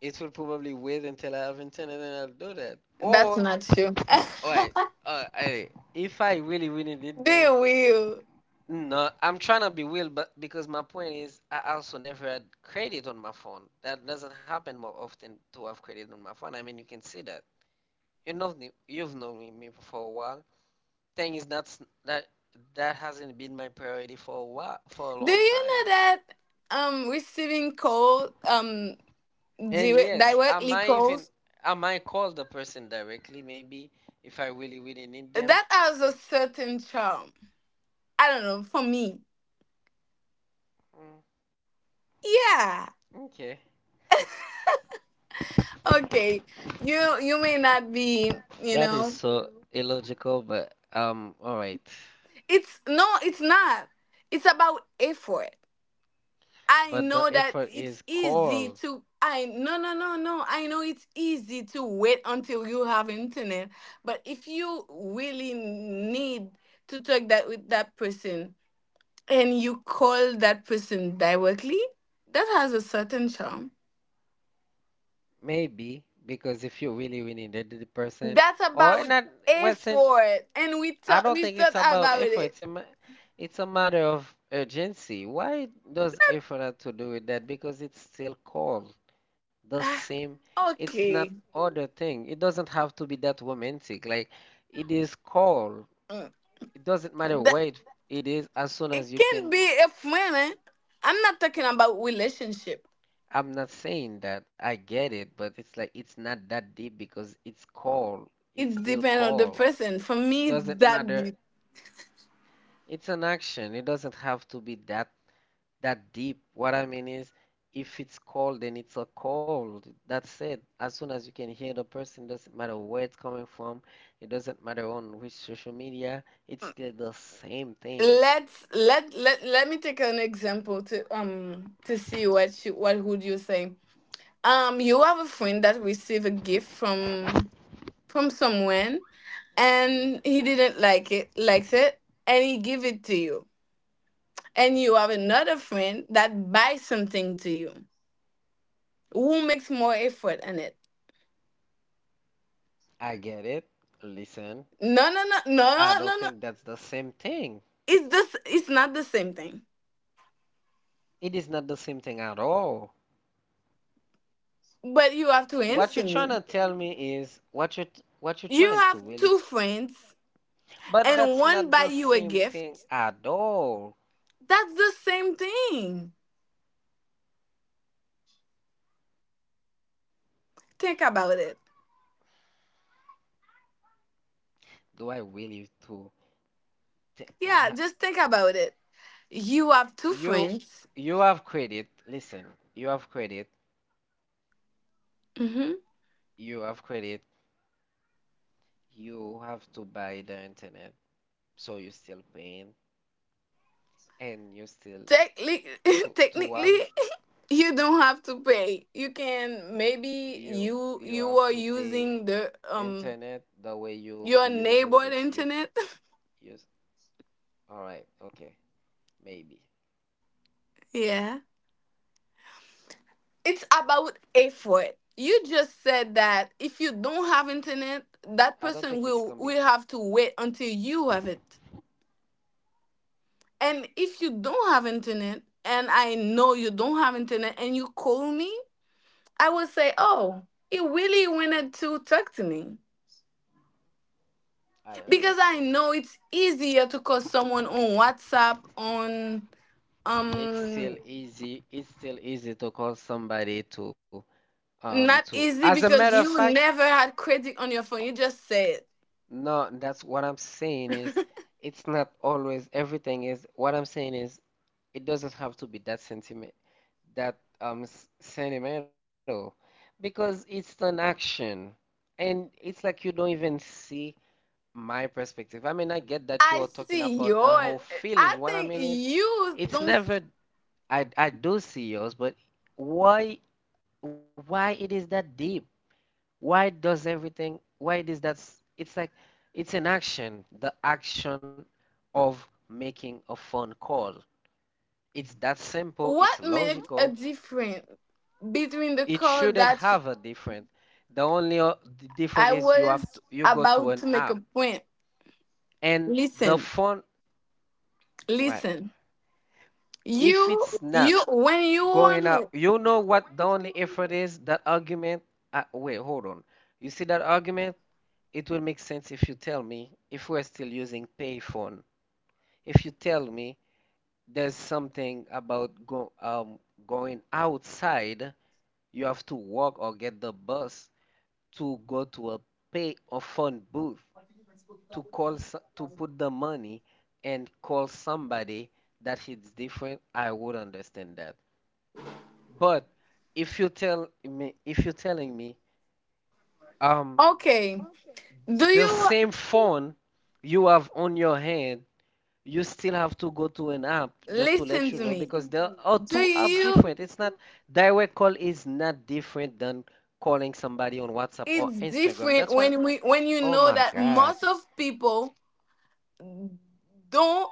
[SPEAKER 1] it will probably wait until I have internet and then I'll do that.
[SPEAKER 2] That's
[SPEAKER 1] Or,
[SPEAKER 2] not true.
[SPEAKER 1] alright, uh, I, if I really, really need
[SPEAKER 2] They
[SPEAKER 1] them,
[SPEAKER 2] will.
[SPEAKER 1] no, I'm trying to be real, but because my point is, I also never had credit on my phone. That doesn't happen more often to have credit on my phone. I mean, you can see that. You know, you've known me me for a while. Thing is, that's that that hasn't been my priority for a while, for a
[SPEAKER 2] Do
[SPEAKER 1] long
[SPEAKER 2] you
[SPEAKER 1] time.
[SPEAKER 2] know that um receiving calls, um
[SPEAKER 1] And
[SPEAKER 2] direct,
[SPEAKER 1] yes, I
[SPEAKER 2] directly
[SPEAKER 1] might even
[SPEAKER 2] calls,
[SPEAKER 1] I might call the person directly maybe if I really really need them.
[SPEAKER 2] that has a certain charm? I don't know, for me.
[SPEAKER 1] Mm,
[SPEAKER 2] Yeah.
[SPEAKER 1] okay.
[SPEAKER 2] Okay. You you may not be, you
[SPEAKER 1] That is
[SPEAKER 2] know.
[SPEAKER 1] so illogical, but um all right.
[SPEAKER 2] It's no, it's not. It's about effort. I
[SPEAKER 1] But
[SPEAKER 2] know
[SPEAKER 1] the
[SPEAKER 2] that
[SPEAKER 1] effort
[SPEAKER 2] it's
[SPEAKER 1] is
[SPEAKER 2] easy
[SPEAKER 1] call
[SPEAKER 2] to, I no no no no. I know it's easy to wait until you have internet, but if you really need to talk that with that person, and you call that person directly, that has a certain charm.
[SPEAKER 1] maybe because if you really really need the person
[SPEAKER 2] That's
[SPEAKER 1] or
[SPEAKER 2] about
[SPEAKER 1] not well since
[SPEAKER 2] effort, and we
[SPEAKER 1] I
[SPEAKER 2] talk
[SPEAKER 1] don't
[SPEAKER 2] we
[SPEAKER 1] think it's
[SPEAKER 2] thought
[SPEAKER 1] about
[SPEAKER 2] about
[SPEAKER 1] effort.
[SPEAKER 2] it.
[SPEAKER 1] It's a ma- it's a matter of urgency. Why does effort have to do with that? Because it's still call. The same.
[SPEAKER 2] Ah,
[SPEAKER 1] It's not
[SPEAKER 2] Okay.
[SPEAKER 1] other thing. It doesn't have to be that romantic. Like it is called.
[SPEAKER 2] Mm.
[SPEAKER 1] It doesn't matter
[SPEAKER 2] Th-
[SPEAKER 1] where it, it is as soon as
[SPEAKER 2] It
[SPEAKER 1] you
[SPEAKER 2] can
[SPEAKER 1] can.
[SPEAKER 2] be if women. I'm not talking about relationship.
[SPEAKER 1] I'm not saying that I get it, but it's like it's not that deep because it's called. It's
[SPEAKER 2] It
[SPEAKER 1] still
[SPEAKER 2] depends on the
[SPEAKER 1] called.
[SPEAKER 2] person. For me,
[SPEAKER 1] Doesn't
[SPEAKER 2] that,
[SPEAKER 1] matter. It's an action. It doesn't have to be that that deep. What I mean is, if it's cold, then it's a cold. That's it. As soon as you can hear the person, doesn't matter where it's coming from, it doesn't matter on which social media, it's still the same thing.
[SPEAKER 2] let's let let let me take an example to um to see what you, what would you say. Um, you have a friend that receive a gift from from someone
[SPEAKER 1] Mhm.
[SPEAKER 2] and he didn't like it, likes it, and he give it to you. And you have another friend that buys something to you. Who makes more effort in it?
[SPEAKER 1] I get it. Listen,
[SPEAKER 2] No, no, no, no,
[SPEAKER 1] I don't
[SPEAKER 2] no, no,
[SPEAKER 1] think that's the same thing.
[SPEAKER 2] it's this, it's not the same thing,
[SPEAKER 1] It is not the same thing at all.
[SPEAKER 2] but you have to
[SPEAKER 1] What you're
[SPEAKER 2] answer
[SPEAKER 1] trying to
[SPEAKER 2] me,
[SPEAKER 1] tell me is what you what you're trying
[SPEAKER 2] you
[SPEAKER 1] to
[SPEAKER 2] have
[SPEAKER 1] really, t-
[SPEAKER 2] two friends,
[SPEAKER 1] but
[SPEAKER 2] and
[SPEAKER 1] that's
[SPEAKER 2] one
[SPEAKER 1] not
[SPEAKER 2] buy
[SPEAKER 1] the
[SPEAKER 2] you a
[SPEAKER 1] same
[SPEAKER 2] gift,
[SPEAKER 1] thing at all.
[SPEAKER 2] that's the same thing, think about it,
[SPEAKER 1] Do I really to?
[SPEAKER 2] yeah just think about it, you have two
[SPEAKER 1] You
[SPEAKER 2] friends.
[SPEAKER 1] you have credit. Listen, you have credit.
[SPEAKER 2] Mm-hmm.
[SPEAKER 1] You have credit. You have to buy the internet, so you're still paying, and you still
[SPEAKER 2] Technically,
[SPEAKER 1] to to have
[SPEAKER 2] technically, you don't have to pay, you can, maybe
[SPEAKER 1] you you
[SPEAKER 2] you,
[SPEAKER 1] have
[SPEAKER 2] you
[SPEAKER 1] to
[SPEAKER 2] are
[SPEAKER 1] pay
[SPEAKER 2] using the um
[SPEAKER 1] internet the way you
[SPEAKER 2] your
[SPEAKER 1] use it.
[SPEAKER 2] neighbor
[SPEAKER 1] It's you
[SPEAKER 2] internet.
[SPEAKER 1] use. All right, okay, maybe.
[SPEAKER 2] Yeah, it's about effort. You just said that if you don't have internet, that
[SPEAKER 1] I don't
[SPEAKER 2] person
[SPEAKER 1] think it's
[SPEAKER 2] will
[SPEAKER 1] coming.
[SPEAKER 2] will have to wait until you have it. And if you don't have internet, and I know you don't have internet, and you call me, I will say, "Oh, he really wanted to talk to me,"
[SPEAKER 1] I
[SPEAKER 2] because I
[SPEAKER 1] understand.
[SPEAKER 2] know it's easier to call someone on WhatsApp, on
[SPEAKER 1] It's still
[SPEAKER 2] um.
[SPEAKER 1] easy. It's still easy to call somebody to um
[SPEAKER 2] Not
[SPEAKER 1] to. As a
[SPEAKER 2] easy
[SPEAKER 1] matter of
[SPEAKER 2] because you
[SPEAKER 1] fact.
[SPEAKER 2] never had credit on your phone. You just said.
[SPEAKER 1] No, that's what I'm saying is it's not always everything is what I'm saying is it doesn't have to be that sentiment that um s- sentimental because it's an action and it's like you don't even see my perspective. I mean, I get that you're
[SPEAKER 2] I
[SPEAKER 1] talking
[SPEAKER 2] see
[SPEAKER 1] about the whole
[SPEAKER 2] yours. I
[SPEAKER 1] feeling. What I
[SPEAKER 2] think
[SPEAKER 1] mean is
[SPEAKER 2] you
[SPEAKER 1] it's
[SPEAKER 2] don't. s-
[SPEAKER 1] never I I do see yours, but why why it is that deep? Why does everything, why it is that's, it's like, it's an action, the action of making a phone call. It's that simple,
[SPEAKER 2] What
[SPEAKER 1] it's
[SPEAKER 2] makes a
[SPEAKER 1] logical.
[SPEAKER 2] difference between the
[SPEAKER 1] It
[SPEAKER 2] call
[SPEAKER 1] shouldn't
[SPEAKER 2] that you,
[SPEAKER 1] have a different. The only o- the different
[SPEAKER 2] I
[SPEAKER 1] is you have to,
[SPEAKER 2] was
[SPEAKER 1] you go to
[SPEAKER 2] about
[SPEAKER 1] an
[SPEAKER 2] to make
[SPEAKER 1] app
[SPEAKER 2] a point?
[SPEAKER 1] and the
[SPEAKER 2] Listen,
[SPEAKER 1] phone, right?
[SPEAKER 2] listen.
[SPEAKER 1] If it's
[SPEAKER 2] You,
[SPEAKER 1] not
[SPEAKER 2] you, when you
[SPEAKER 1] going
[SPEAKER 2] want,
[SPEAKER 1] out, you know what the only effort is? That argument. Uh, wait, hold on. You see that argument? It will make sense if you tell me if we're still using payphone. If you tell me there's something about go, um, going outside, you have to walk or get the bus to go to a pay or phone booth to call so- to put the money and call somebody that hits different, I would understand that. But if you tell me if you're telling me um
[SPEAKER 2] okay.
[SPEAKER 1] th-
[SPEAKER 2] Do
[SPEAKER 1] the
[SPEAKER 2] you
[SPEAKER 1] same phone you have on your hand you still have to go to an app just to let
[SPEAKER 2] listen
[SPEAKER 1] you
[SPEAKER 2] to
[SPEAKER 1] know
[SPEAKER 2] me?
[SPEAKER 1] because there are
[SPEAKER 2] Do
[SPEAKER 1] two apps
[SPEAKER 2] you?
[SPEAKER 1] different. It's not direct call is not different than calling somebody on WhatsApp or
[SPEAKER 2] It's
[SPEAKER 1] Instagram.
[SPEAKER 2] different
[SPEAKER 1] That's what I'm,
[SPEAKER 2] when we when you
[SPEAKER 1] oh
[SPEAKER 2] know
[SPEAKER 1] my
[SPEAKER 2] that
[SPEAKER 1] God.
[SPEAKER 2] most of people don't.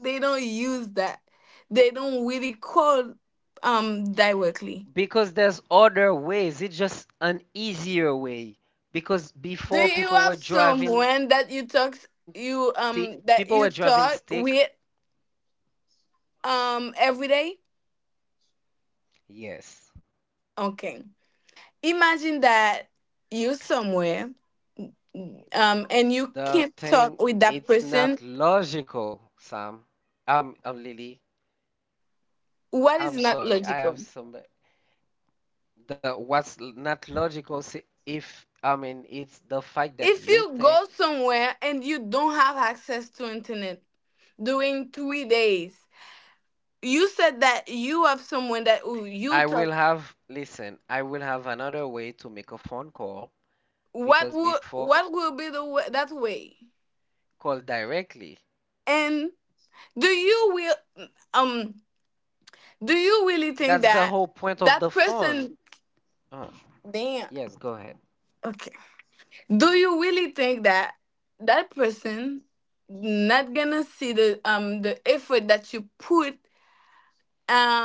[SPEAKER 2] They don't use that. They don't really call um directly.
[SPEAKER 1] Because there's other ways. It's just an easier way. Because
[SPEAKER 2] Do
[SPEAKER 1] before
[SPEAKER 2] you
[SPEAKER 1] people were
[SPEAKER 2] have
[SPEAKER 1] driving
[SPEAKER 2] someone that you
[SPEAKER 1] t
[SPEAKER 2] talk
[SPEAKER 1] people were
[SPEAKER 2] you
[SPEAKER 1] driving
[SPEAKER 2] um
[SPEAKER 1] stick.
[SPEAKER 2] that you talk with um every day?
[SPEAKER 1] Yes.
[SPEAKER 2] Okay. Imagine that you somewhere, um and you
[SPEAKER 1] The
[SPEAKER 2] can't talk
[SPEAKER 1] thing
[SPEAKER 2] with that
[SPEAKER 1] it's
[SPEAKER 2] person.
[SPEAKER 1] not logical, Sam. I'm I'm Lily.
[SPEAKER 2] What
[SPEAKER 1] I'm
[SPEAKER 2] is not
[SPEAKER 1] sorry. I have
[SPEAKER 2] logical?
[SPEAKER 1] some. The What's not logical see, if I mean it's the fact that
[SPEAKER 2] If
[SPEAKER 1] you
[SPEAKER 2] you
[SPEAKER 1] think
[SPEAKER 2] go somewhere and you don't have access to internet during three days, you said that you have someone that, who you
[SPEAKER 1] I
[SPEAKER 2] talk,
[SPEAKER 1] will have listen, I will have another way to make a phone call
[SPEAKER 2] what
[SPEAKER 1] because
[SPEAKER 2] will,
[SPEAKER 1] before
[SPEAKER 2] what will be the way, that way,
[SPEAKER 1] call directly.
[SPEAKER 2] and do you will, um do you really think
[SPEAKER 1] That's the
[SPEAKER 2] that
[SPEAKER 1] whole point of the
[SPEAKER 2] that
[SPEAKER 1] phone.
[SPEAKER 2] person,
[SPEAKER 1] Oh
[SPEAKER 2] damn,
[SPEAKER 1] yes, go ahead.
[SPEAKER 2] okay, do you really think that that person not gonna see the um the effort that you put,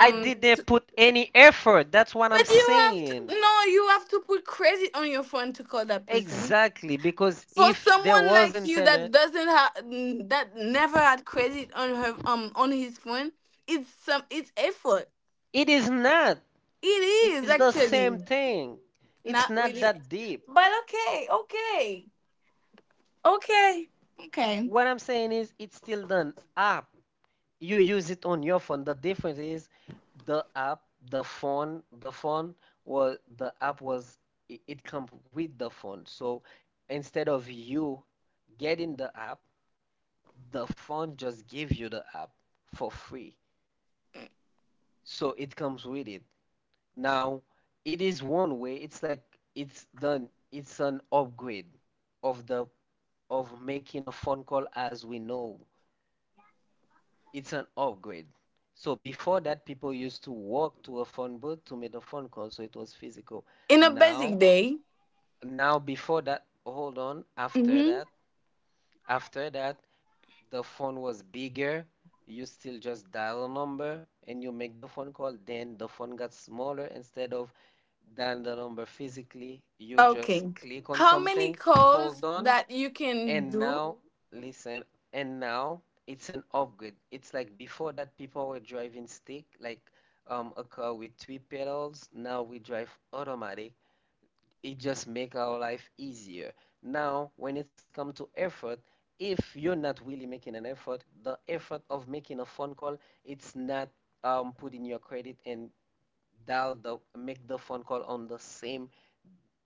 [SPEAKER 1] I didn't put any effort. That's what I'm
[SPEAKER 2] but you have to,
[SPEAKER 1] saying.
[SPEAKER 2] no you have to put credit on your phone to call that person,
[SPEAKER 1] Exactly, because
[SPEAKER 2] for
[SPEAKER 1] if there
[SPEAKER 2] someone
[SPEAKER 1] was
[SPEAKER 2] like you that
[SPEAKER 1] internet,
[SPEAKER 2] doesn't have, that never had credit on her, um on his phone, it's some, it's effort,
[SPEAKER 1] it is not.
[SPEAKER 2] it
[SPEAKER 1] It's
[SPEAKER 2] is
[SPEAKER 1] the same
[SPEAKER 2] actually
[SPEAKER 1] thing. It's
[SPEAKER 2] not
[SPEAKER 1] not
[SPEAKER 2] really.
[SPEAKER 1] that deep.
[SPEAKER 2] But okay, okay, okay, okay,
[SPEAKER 1] What I'm saying is it's still done app. You use it on your phone. The difference is the app, the phone, the phone was the app was it, it comes with the phone. So instead of you getting the app, the phone just gives you the app for free. So it comes with it. Now it is one way. It's like it's done. It's an upgrade of the of making a phone call as we know. It's an upgrade. So before that, people used to walk to a phone booth to make a phone call, so it was physical.
[SPEAKER 2] in a basic
[SPEAKER 1] Now,
[SPEAKER 2] day.
[SPEAKER 1] now before that, hold on, after
[SPEAKER 2] Mm-hmm.
[SPEAKER 1] that, after that, the phone was bigger. You still just dial a number and you make the phone call. Then the phone got smaller. Instead of dial the number physically, you
[SPEAKER 2] Okay,
[SPEAKER 1] just click on
[SPEAKER 2] how many
[SPEAKER 1] something,
[SPEAKER 2] calls
[SPEAKER 1] hold on,
[SPEAKER 2] that you can
[SPEAKER 1] and
[SPEAKER 2] do?
[SPEAKER 1] now, listen, and now it's an upgrade. It's like before that people were driving stick, like um a car with three pedals. Now we drive automatic. It just make our life easier. Now, when it comes to effort, if you're not really making an effort, the effort of making a phone call, it's not um putting your credit and dial the make the phone call on the same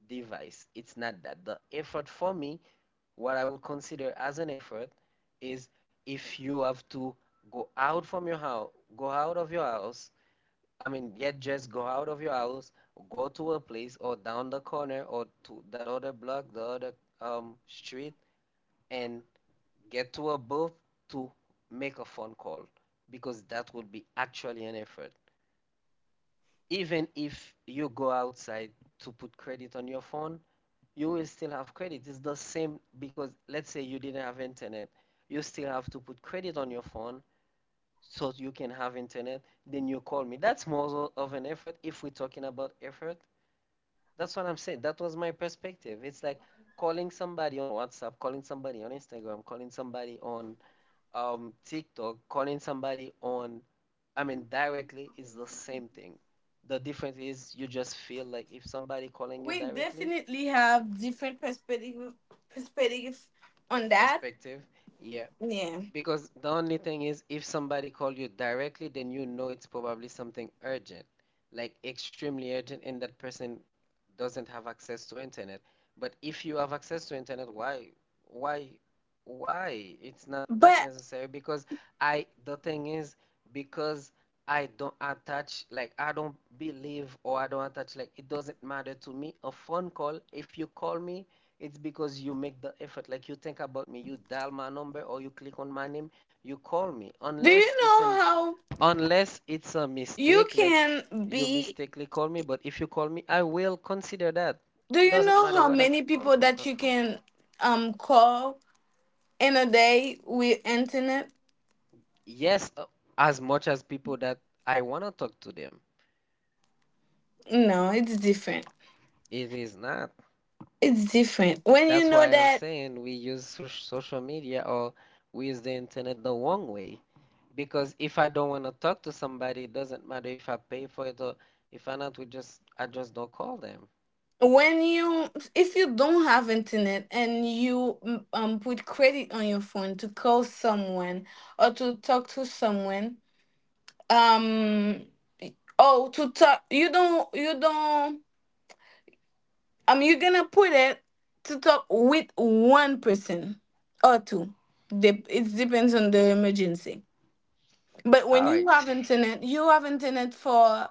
[SPEAKER 1] device. It's not that. The effort for me what I would consider as an effort is if you have to go out from your house, go out of your house. I mean, yet just go out of your house, go to a place or down the corner or to that other block, the other um, street, and get to a booth to make a phone call because that would be actually an effort. Even if you go outside to put credit on your phone, you will still have credit. It's the same because let's say you didn't have internet, you still have to put credit on your phone so you can have internet. Then you call me. That's more of an effort if we're talking about effort. That's what I'm saying. That was my perspective. It's like calling somebody on WhatsApp, calling somebody on Instagram, calling somebody on um, TikTok, calling somebody on, I mean, directly is the same thing. The difference is you just feel like if somebody calling you
[SPEAKER 2] We
[SPEAKER 1] directly,
[SPEAKER 2] definitely have different perspective perspective on that,
[SPEAKER 1] perspective, yeah.
[SPEAKER 2] yeah.
[SPEAKER 1] Because the only thing is, if somebody called you directly, then you know it's probably something urgent, like extremely urgent, and that person doesn't have access to internet. But if you have access to internet, why, why, why? It's not that
[SPEAKER 2] But
[SPEAKER 1] necessary because I, the thing is, because I don't attach, like, I don't believe or I don't attach, like, it doesn't matter to me. A phone call, if you call me, it's because you make the effort. Like you think about me, you dial my number or you click on my name, you call me.
[SPEAKER 2] do you
[SPEAKER 1] Unless it's an
[SPEAKER 2] know how?
[SPEAKER 1] unless it's a
[SPEAKER 2] You
[SPEAKER 1] mistake, like
[SPEAKER 2] can
[SPEAKER 1] you
[SPEAKER 2] be.
[SPEAKER 1] mistakenly call me, but if you call me, I will consider that.
[SPEAKER 2] Do
[SPEAKER 1] It
[SPEAKER 2] you
[SPEAKER 1] doesn't
[SPEAKER 2] know
[SPEAKER 1] matter
[SPEAKER 2] how
[SPEAKER 1] whether
[SPEAKER 2] many people
[SPEAKER 1] confirm,
[SPEAKER 2] that you
[SPEAKER 1] confirm.
[SPEAKER 2] can um call in a day with internet?
[SPEAKER 1] Yes, uh, as much as people that I wanna talk to them.
[SPEAKER 2] No, it's different.
[SPEAKER 1] It is not.
[SPEAKER 2] It's different. When you
[SPEAKER 1] That's
[SPEAKER 2] know
[SPEAKER 1] why I'm
[SPEAKER 2] that,
[SPEAKER 1] saying we use so social media or we use the internet the wrong way. Because if I don't want to talk to somebody, it doesn't matter if I pay for it or if I not, we just I just don't call them.
[SPEAKER 2] when you, if you don't have internet and you mm, um put credit on your phone to call someone or to talk to someone, um oh to talk you don't, you don't. Um, you're gonna put it to talk with one person or two. Dep- It depends on the emergency. But
[SPEAKER 1] All
[SPEAKER 2] when you
[SPEAKER 1] right.
[SPEAKER 2] have internet, you have internet for,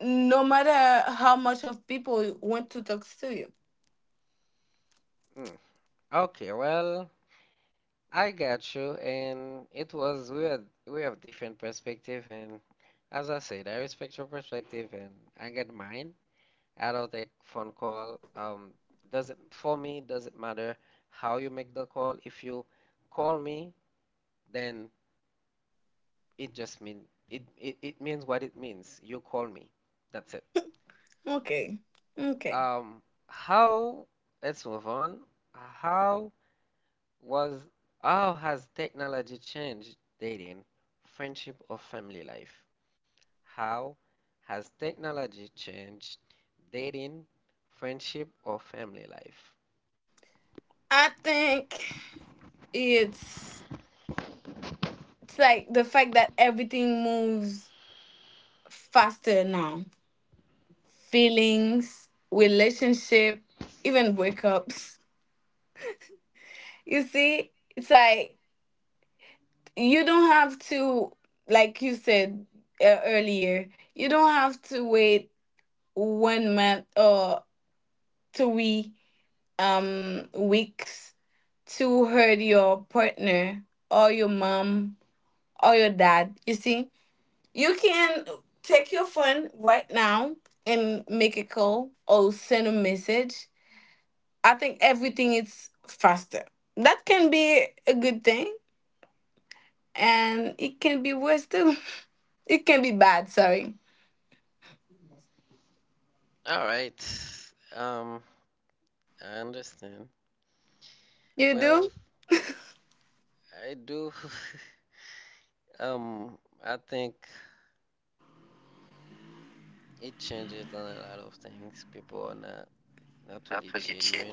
[SPEAKER 2] no matter how much of people want to talk to you.
[SPEAKER 1] Mm. Okay, well, I got you, and it was we had we have different perspective, and as I said, I respect your perspective, and I get mine. I don't take phone call. Um, doesn't for me doesn't matter how you make the call. If you call me then it just mean it, it it means what it means. You call me. That's it.
[SPEAKER 2] Okay, okay.
[SPEAKER 1] Um, how, let's move on. How was, how has technology changed dating, friendship, or family life? How has technology changed dating, friendship, or family life?
[SPEAKER 2] I think it's it's like the fact that everything moves faster now. Feelings, relationship, even breakups. You see, it's like you don't have to, like you said uh, earlier, you don't have to wait one month or three um weeks to hurt your partner or your mom or your dad. You see, you can take your phone right now and make a call or send a message. I think everything is faster. That can be a good thing, and it can be worse too. It can be bad, sorry.
[SPEAKER 1] All right. Um, I understand.
[SPEAKER 2] You
[SPEAKER 1] Well,
[SPEAKER 2] do?
[SPEAKER 1] I do. Um, I think it changes on a lot of things. People are not not really genuine.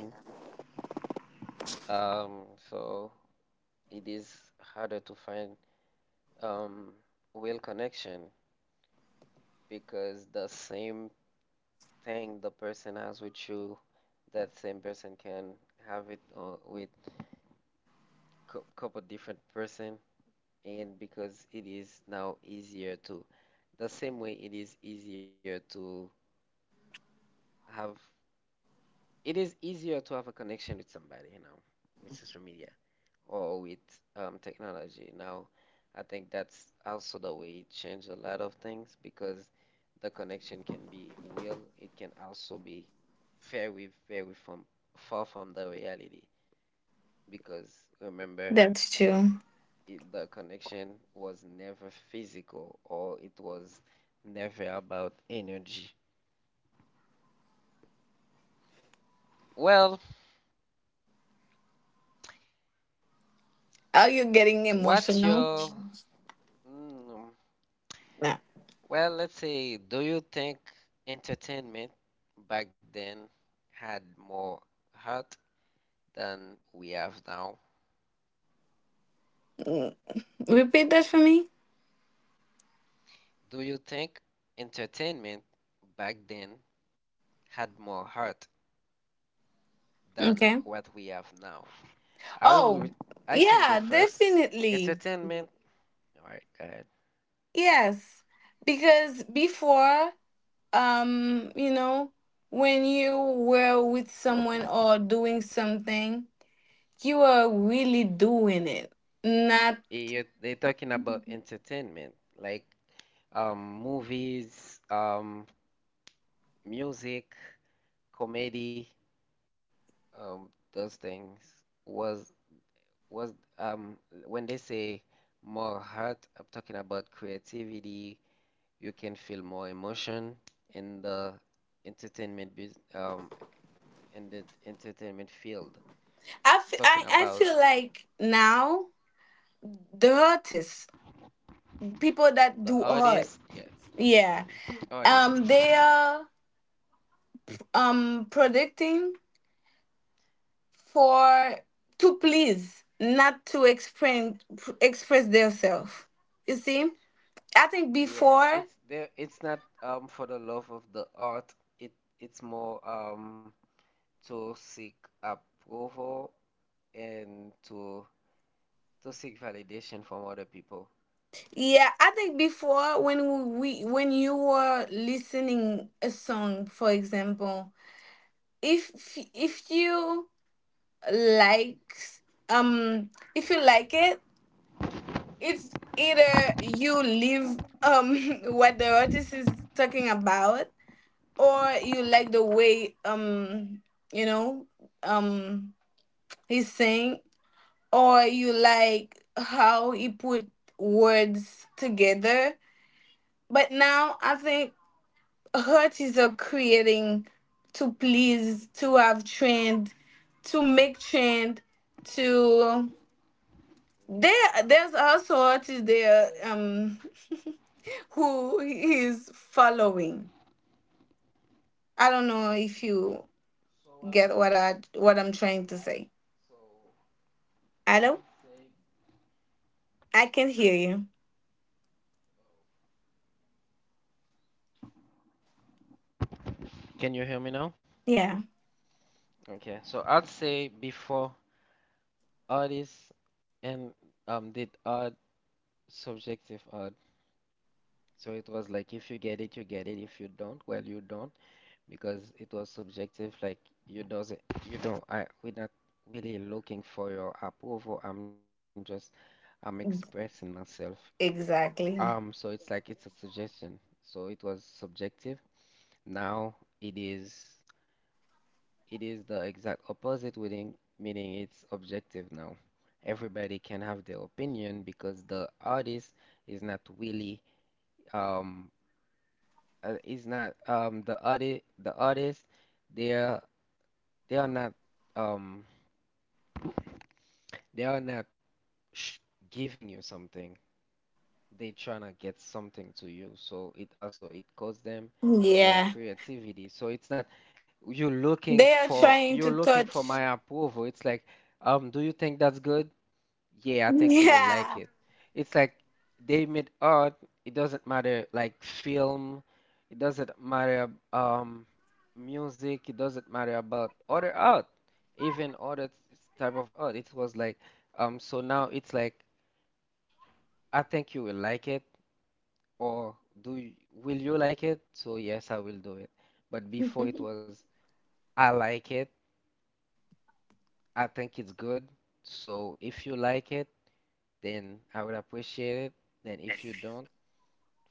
[SPEAKER 1] Um, so it is harder to find um real connection because the same thing the person has with you, that same person can have it uh, with a couple different person, and because it is now easier to, the same way it is easier to have, it is easier to have a connection with somebody, you know, with social media, or with um, technology. Now, I think that's also the way it changed a lot of things because the connection can be real, it can also be very, very from far from the reality because remember,
[SPEAKER 2] That's true.
[SPEAKER 1] it, the connection was never physical or it was never about energy. Well,
[SPEAKER 2] Are you getting
[SPEAKER 1] what
[SPEAKER 2] emotional?
[SPEAKER 1] your Mhm. mm,
[SPEAKER 2] No.
[SPEAKER 1] Well, let's see. Do you think entertainment back then had more heart than we have now?
[SPEAKER 2] Mm. Repeat that for me.
[SPEAKER 1] Do you think entertainment back then had more heart than what
[SPEAKER 2] Okay.
[SPEAKER 1] we have now? I will. re-
[SPEAKER 2] Oh,
[SPEAKER 1] I can go
[SPEAKER 2] yeah,
[SPEAKER 1] first.
[SPEAKER 2] definitely.
[SPEAKER 1] Entertainment. All right, go ahead.
[SPEAKER 2] Yes. Because before, um, you know, when you were with someone or doing something, you were really doing it. Not,
[SPEAKER 1] You, they're talking about entertainment, like um, movies, um, music, comedy, um, those things was was um when they say more heart, I'm talking about creativity. You can feel more emotion in the entertainment bus um in the entertainment field.
[SPEAKER 2] I f-
[SPEAKER 1] Talking
[SPEAKER 2] I, I
[SPEAKER 1] about
[SPEAKER 2] feel like now the artists, people
[SPEAKER 1] the
[SPEAKER 2] that do
[SPEAKER 1] artist,
[SPEAKER 2] art,
[SPEAKER 1] yeah,
[SPEAKER 2] yeah,
[SPEAKER 1] artist.
[SPEAKER 2] um, they are um predicting for to please, not to explain, express themselves, you see, I think
[SPEAKER 1] Yeah,
[SPEAKER 2] before
[SPEAKER 1] it's there. It's not um for the love of the art. It it's more um to seek approval and to to seek validation from other people.
[SPEAKER 2] yeah, I think before, when we when you were listening a song for example, if if you like, um if you like it, it's either you leave, um what the artist is talking about, or you like the way, um you know, um he sing, or you like how he put words together. But now I think
[SPEAKER 1] Okay,
[SPEAKER 2] artists are
[SPEAKER 1] back then
[SPEAKER 2] creating to please, to have trend, to make trend, to, there
[SPEAKER 1] before uh, uh,
[SPEAKER 2] there's also artists
[SPEAKER 1] let's
[SPEAKER 2] there,
[SPEAKER 1] say
[SPEAKER 2] um who is following. I don't know if you
[SPEAKER 1] so what I'm
[SPEAKER 2] get
[SPEAKER 1] s-
[SPEAKER 2] what I, what I'm trying to
[SPEAKER 1] I
[SPEAKER 2] say.
[SPEAKER 1] so I
[SPEAKER 2] Hello?
[SPEAKER 1] would say
[SPEAKER 2] I can hear you.
[SPEAKER 1] Can you hear me now?
[SPEAKER 2] Yeah,
[SPEAKER 1] Okay, so I'd say before artists and um did art subjective art. So it was like if you get it, you get it. If you don't, well, you don't because it was subjective. Like you doesn't, you know, I we're not really looking for your approval. I'm just, I'm expressing myself. Um, so
[SPEAKER 2] exactly.
[SPEAKER 1] it's like it's a suggestion. So it was subjective. Now it is it is the exact opposite meaning, meaning it's objective now. Everybody can have their opinion because the artist is not really um uh, is not um the artist the artist they are they are not um they are not sh giving you something. They trying to get something to you, so it also it costs them their
[SPEAKER 2] Yeah.
[SPEAKER 1] creativity. So it's not you're looking
[SPEAKER 2] They are
[SPEAKER 1] for
[SPEAKER 2] trying
[SPEAKER 1] you're
[SPEAKER 2] to
[SPEAKER 1] looking for
[SPEAKER 2] touch.
[SPEAKER 1] my approval. It's like, um do you think that's good? Yeah, I think you will like
[SPEAKER 2] Yeah.
[SPEAKER 1] it. It's like they made art. It doesn't matter, like film. It doesn't matter, um music. It doesn't matter about other art, even other type of art. It was like, um so now it's like, I think you will like it, or do you, will you like it? So yes, I will do it. But before, it was, I like it, I think it's good. So if you like it, then I would appreciate it. Then if you don't,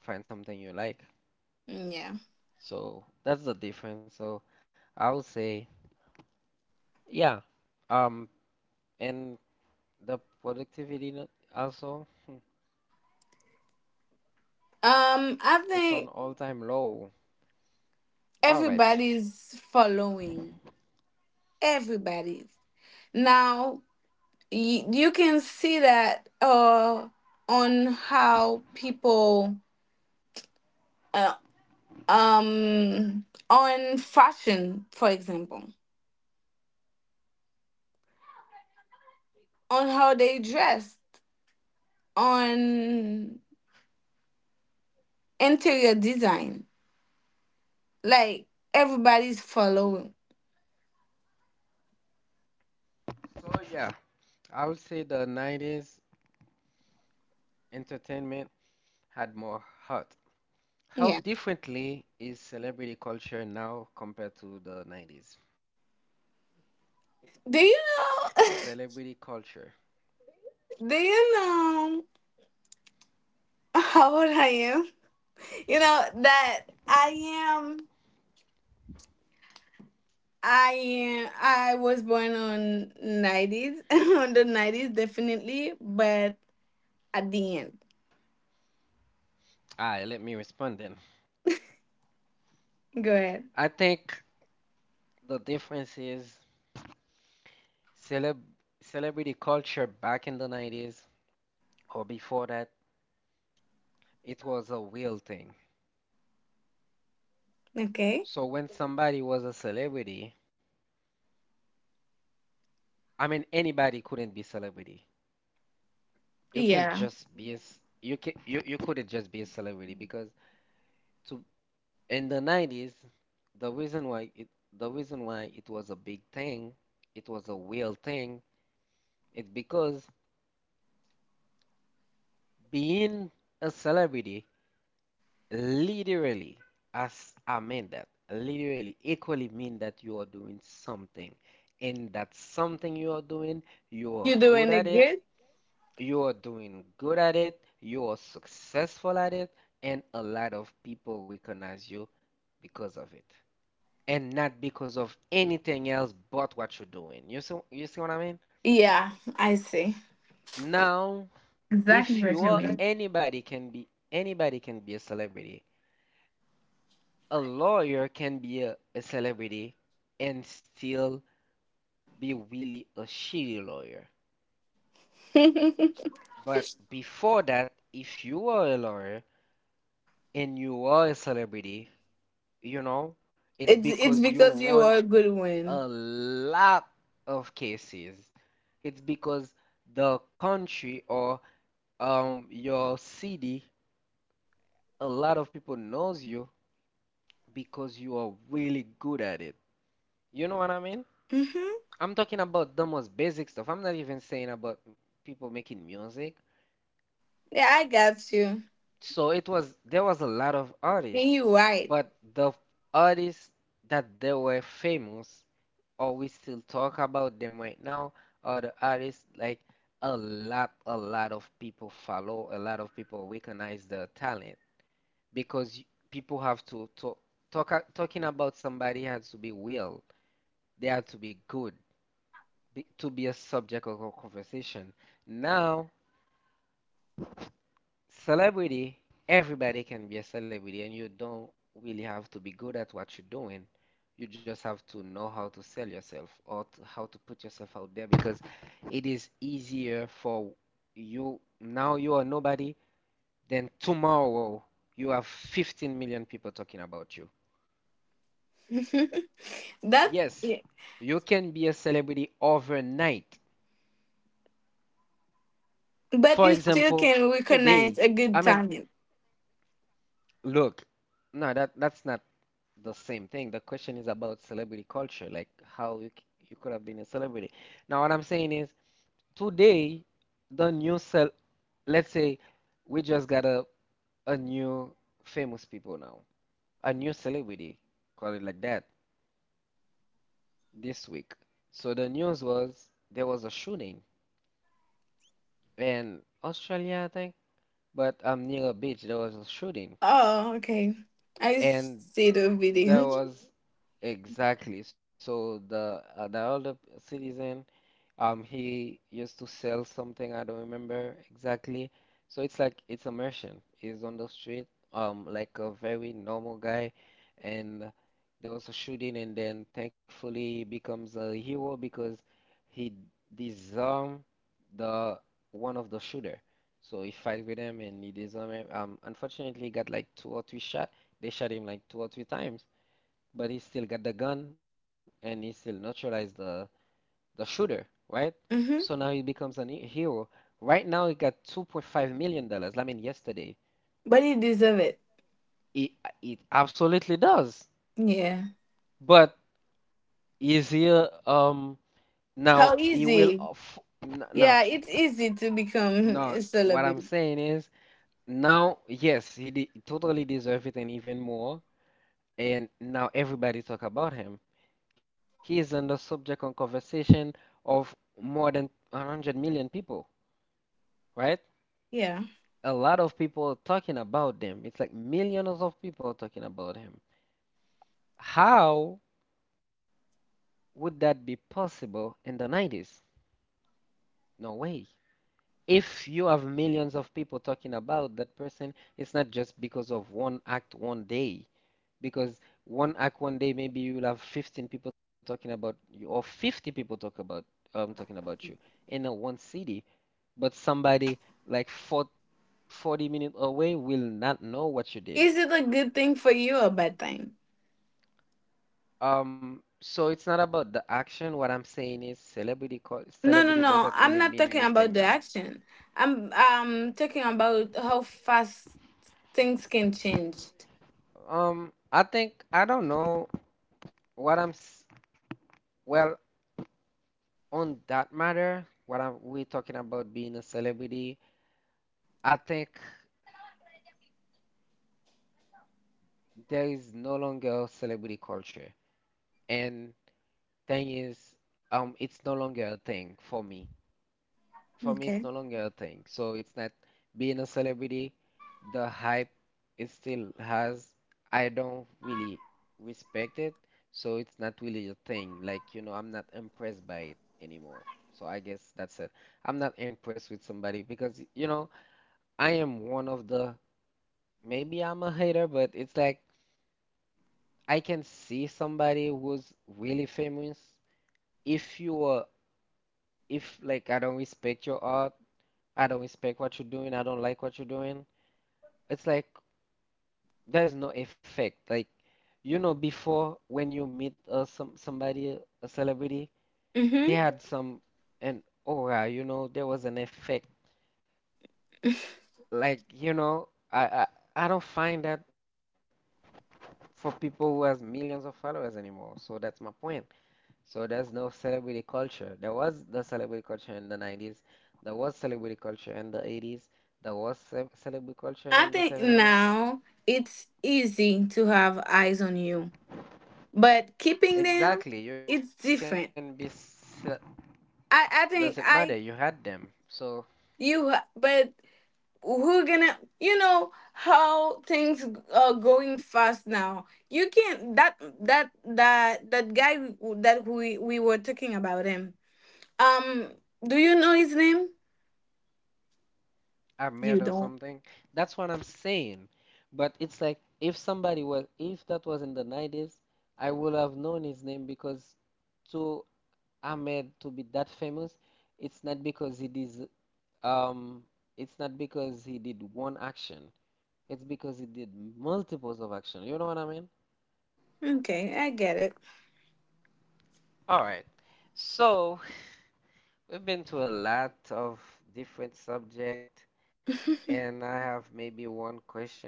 [SPEAKER 1] find something you like.
[SPEAKER 2] Yeah.
[SPEAKER 1] So that's the difference. So I would say, yeah. Um, and the productivity no- also, hmm,
[SPEAKER 2] Um, I
[SPEAKER 1] it's on
[SPEAKER 2] think
[SPEAKER 1] all-time low. All right.
[SPEAKER 2] everybody's following. Everybody's. Now, y- you can see that uh on how people, uh, um on fashion, for example, on how they dressed, on interior design. Like, everybody's following.
[SPEAKER 1] So yeah, I would say the nineties entertainment had more heart. How differently
[SPEAKER 2] Yeah.
[SPEAKER 1] is celebrity culture now compared to the nineties? Celebrity culture.
[SPEAKER 2] Do you know? Do you know how old I am? You know that I am. I am. I was born on nineties, on the nineties, definitely. But at the end,
[SPEAKER 1] Ah, let me respond then. I
[SPEAKER 2] go ahead.
[SPEAKER 1] think the difference is celeb celebrity culture back in the nineties, or before that, it was a real thing.
[SPEAKER 2] Okay.
[SPEAKER 1] So when somebody was a celebrity, I mean, anybody couldn't be celebrity. You can't just
[SPEAKER 2] Yeah.
[SPEAKER 1] be a, c- you can you, you couldn't just be a celebrity, because to, in the nineties, the reason why it the reason why it was a big thing, it was a real thing, it's because being a celebrity literally, as I mean that literally equally mean that you are doing something, and that something you are doing, you are
[SPEAKER 2] You
[SPEAKER 1] good
[SPEAKER 2] doing
[SPEAKER 1] at
[SPEAKER 2] it
[SPEAKER 1] it,
[SPEAKER 2] good?
[SPEAKER 1] you are doing good at it, you are successful at it, and a lot of people recognize you because of it, and not because of anything else but what you're doing. You see, you see what I mean?
[SPEAKER 2] Yeah, I see.
[SPEAKER 1] Now,
[SPEAKER 2] Exactly
[SPEAKER 1] if you
[SPEAKER 2] what you
[SPEAKER 1] are,
[SPEAKER 2] mean.
[SPEAKER 1] anybody can be anybody can be a celebrity. A lawyer can be a, a celebrity and still be really a shitty lawyer.
[SPEAKER 2] it's
[SPEAKER 1] But before that, if you are a lawyer and you are a celebrity, you know, it's
[SPEAKER 2] it's
[SPEAKER 1] because you
[SPEAKER 2] because you
[SPEAKER 1] won
[SPEAKER 2] are a good one.
[SPEAKER 1] a lot of cases. It's because the country or, Um, your C D, a lot of people knows you because you are really good at it. You know what I mean?
[SPEAKER 2] Hmm.
[SPEAKER 1] I'm talking about the most basic stuff. I'm not even saying about people making music.
[SPEAKER 2] Yeah, I got you.
[SPEAKER 1] So it was, there was a lot of
[SPEAKER 2] And
[SPEAKER 1] artists,
[SPEAKER 2] you right.
[SPEAKER 1] but the artists that they were famous, or we still talk about them right now, are the artists like a lot, a lot of people follow, a lot of people recognize their talent. Because y- people have to talk, talk a- talking about somebody has to be, well, they have to be good, be, to be a subject of a conversation. Now, celebrity, everybody can be a celebrity, and you don't really have to be good at what you're doing. You just have to know how to sell yourself, or to, how to put yourself out there, because it is easier for you, now you are nobody, than tomorrow you have fifteen million people talking about you.
[SPEAKER 2] That,
[SPEAKER 1] Yes,
[SPEAKER 2] yeah.
[SPEAKER 1] you can be a celebrity overnight. For example,
[SPEAKER 2] But you still can
[SPEAKER 1] today. I
[SPEAKER 2] recognize
[SPEAKER 1] mean,
[SPEAKER 2] a good talent.
[SPEAKER 1] look, no, that that's not the same thing. The question is about celebrity culture, like how you c- you could have been a celebrity. Now, what I'm saying is, today, the new cel let's say we just got a a new famous people now, a new celebrity, call it like that, this week. So the news was, there was a shooting in Australia, I think, but um near a beach there was a shooting,
[SPEAKER 2] Oh, okay. I
[SPEAKER 1] and
[SPEAKER 2] see the video.
[SPEAKER 1] there was, exactly, so the uh, the older citizen, um he used to sell something, I don't remember exactly, so it's like it's a merchant, he's on the street, um like a very normal guy, and there was a shooting, and then thankfully he becomes a hero because he disarmed the one of the shooter. So he fight with him and he disarmed him. Um, unfortunately, he got like two or three shot. They shot him like two or three times, but he still got the gun and he still neutralized the the shooter, right? So now he
[SPEAKER 2] Mm-hmm.
[SPEAKER 1] becomes a hero. Right now, he got two point five million dollars. I mean, yesterday.
[SPEAKER 2] But you deserve it.
[SPEAKER 1] It it absolutely does.
[SPEAKER 2] Yeah.
[SPEAKER 1] But is he uh, um now
[SPEAKER 2] How
[SPEAKER 1] he will
[SPEAKER 2] easy?
[SPEAKER 1] off now,
[SPEAKER 2] Yeah, it's easy to become
[SPEAKER 1] now
[SPEAKER 2] a
[SPEAKER 1] what I'm
[SPEAKER 2] celebrity.
[SPEAKER 1] saying is, now, yes, he de totally deserved it, and even more. And now everybody talk about him. He is on the subject and conversation of more than one hundred million people, right?
[SPEAKER 2] Yeah.
[SPEAKER 1] A lot of people are talking about them. It's like millions of people are talking about him. How would that be possible in the nineties? No way. If you have millions of people talking about that person, it's not just because of one act one day. Because one act one day, maybe you will have fifteen people talking about you, or fifty people talk about um talking about you in a one city, but somebody like forty forty minutes away will not know what you did.
[SPEAKER 2] Is it a good thing for you or bad thing?
[SPEAKER 1] Um, so it's not about the action. What I'm saying is celebrity co
[SPEAKER 2] No, no,
[SPEAKER 1] celebrity
[SPEAKER 2] no.
[SPEAKER 1] doesn't
[SPEAKER 2] I'm
[SPEAKER 1] really
[SPEAKER 2] not
[SPEAKER 1] mean
[SPEAKER 2] talking about
[SPEAKER 1] anything
[SPEAKER 2] the
[SPEAKER 1] now.
[SPEAKER 2] action. I'm um talking about how fast things can change.
[SPEAKER 1] Um, I think I don't know what I'm s- well, on that matter. What I'm, we're talking about being a celebrity. I think there is no longer celebrity culture. And thing is, um, it's no longer a thing for me. For me, it's
[SPEAKER 2] Okay.
[SPEAKER 1] no longer a thing. So it's not being a celebrity, the hype it still has. I don't really respect it, so it's not really a thing. Like, you know, I'm not impressed by it anymore. So I guess that's it. I'm not impressed with somebody because, you know, I am one of the, maybe I'm a hater, but it's like I can see somebody who's really famous. If you are, if like I don't respect your art, I don't respect what you're doing, I don't like what you're doing, it's like there's no effect. Like, you know, before when you meet uh, some somebody, a celebrity, they
[SPEAKER 2] Mm-hmm.
[SPEAKER 1] had some an aura, you know, there was an effect. Like, you know, I I, I don't find that for people who has millions of followers anymore. So that's my point. So there's no celebrity culture. There was the celebrity culture in the nineties. There was celebrity culture in the eighties. There was ce- celebrity culture in the
[SPEAKER 2] I think
[SPEAKER 1] seventies.
[SPEAKER 2] now it's easy to have eyes on you, but keeping
[SPEAKER 1] Exactly.
[SPEAKER 2] them,
[SPEAKER 1] You can be,
[SPEAKER 2] it's
[SPEAKER 1] ce-
[SPEAKER 2] different.
[SPEAKER 1] doesn't matter. You
[SPEAKER 2] I I
[SPEAKER 1] had
[SPEAKER 2] think
[SPEAKER 1] them.
[SPEAKER 2] I
[SPEAKER 1] So
[SPEAKER 2] you ha- but who gonna, you know how things are going fast now. You can't, that that that that guy w- that we we were talking about him. Um, do you know his name?
[SPEAKER 1] I'm mad or something.
[SPEAKER 2] You don't.
[SPEAKER 1] That's what I'm saying. But it's like if somebody was, if that was in the nineties, I would have known his name because to Ahmed to be that famous, it's not because he des Um, it's not because he did one action. It's because he did multiples of action. You know what I mean?
[SPEAKER 2] Okay, I get it.
[SPEAKER 1] All right. So we've been to a lot of different subject, and I have maybe one question.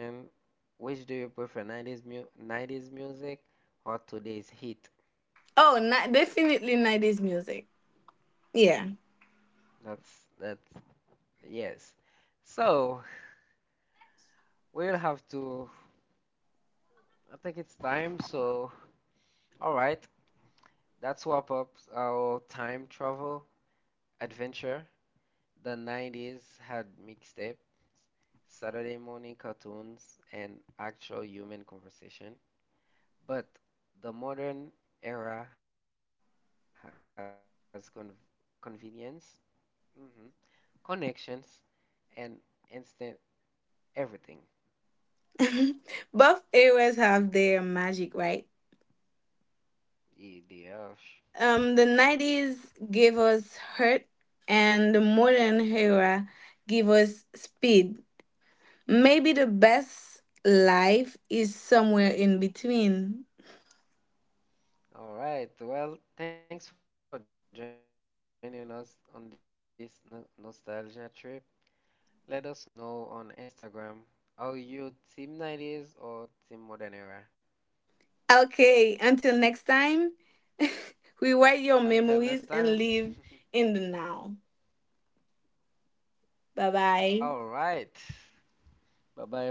[SPEAKER 1] Which do you prefer, nineties mu nineties music or today's hit?
[SPEAKER 2] Oh, ni- definitely nineties music. Yeah.
[SPEAKER 1] That's that's yes. So we'll have to. I think it's time. So all right, that's wrap up our time travel adventure. The nineties had mixtape, Saturday morning cartoons, and actual human conversation. But the modern era has con convenience, hmm connections, and instant everything.
[SPEAKER 2] Both eras have their magic, right?
[SPEAKER 1] E D F.
[SPEAKER 2] Um, the nineties gave us hurt, and the modern era give us speed. Maybe the best life is somewhere in between.
[SPEAKER 1] All right. Well, thanks for joining us on this no nostalgia trip. Let us know on Instagram, are you Team nineties or Team Modern Era?
[SPEAKER 2] Okay, until next time,
[SPEAKER 1] Until next time.
[SPEAKER 2] rewrite your memories and live in the now. Bye
[SPEAKER 1] All
[SPEAKER 2] bye.
[SPEAKER 1] right. Bye bye, everybody.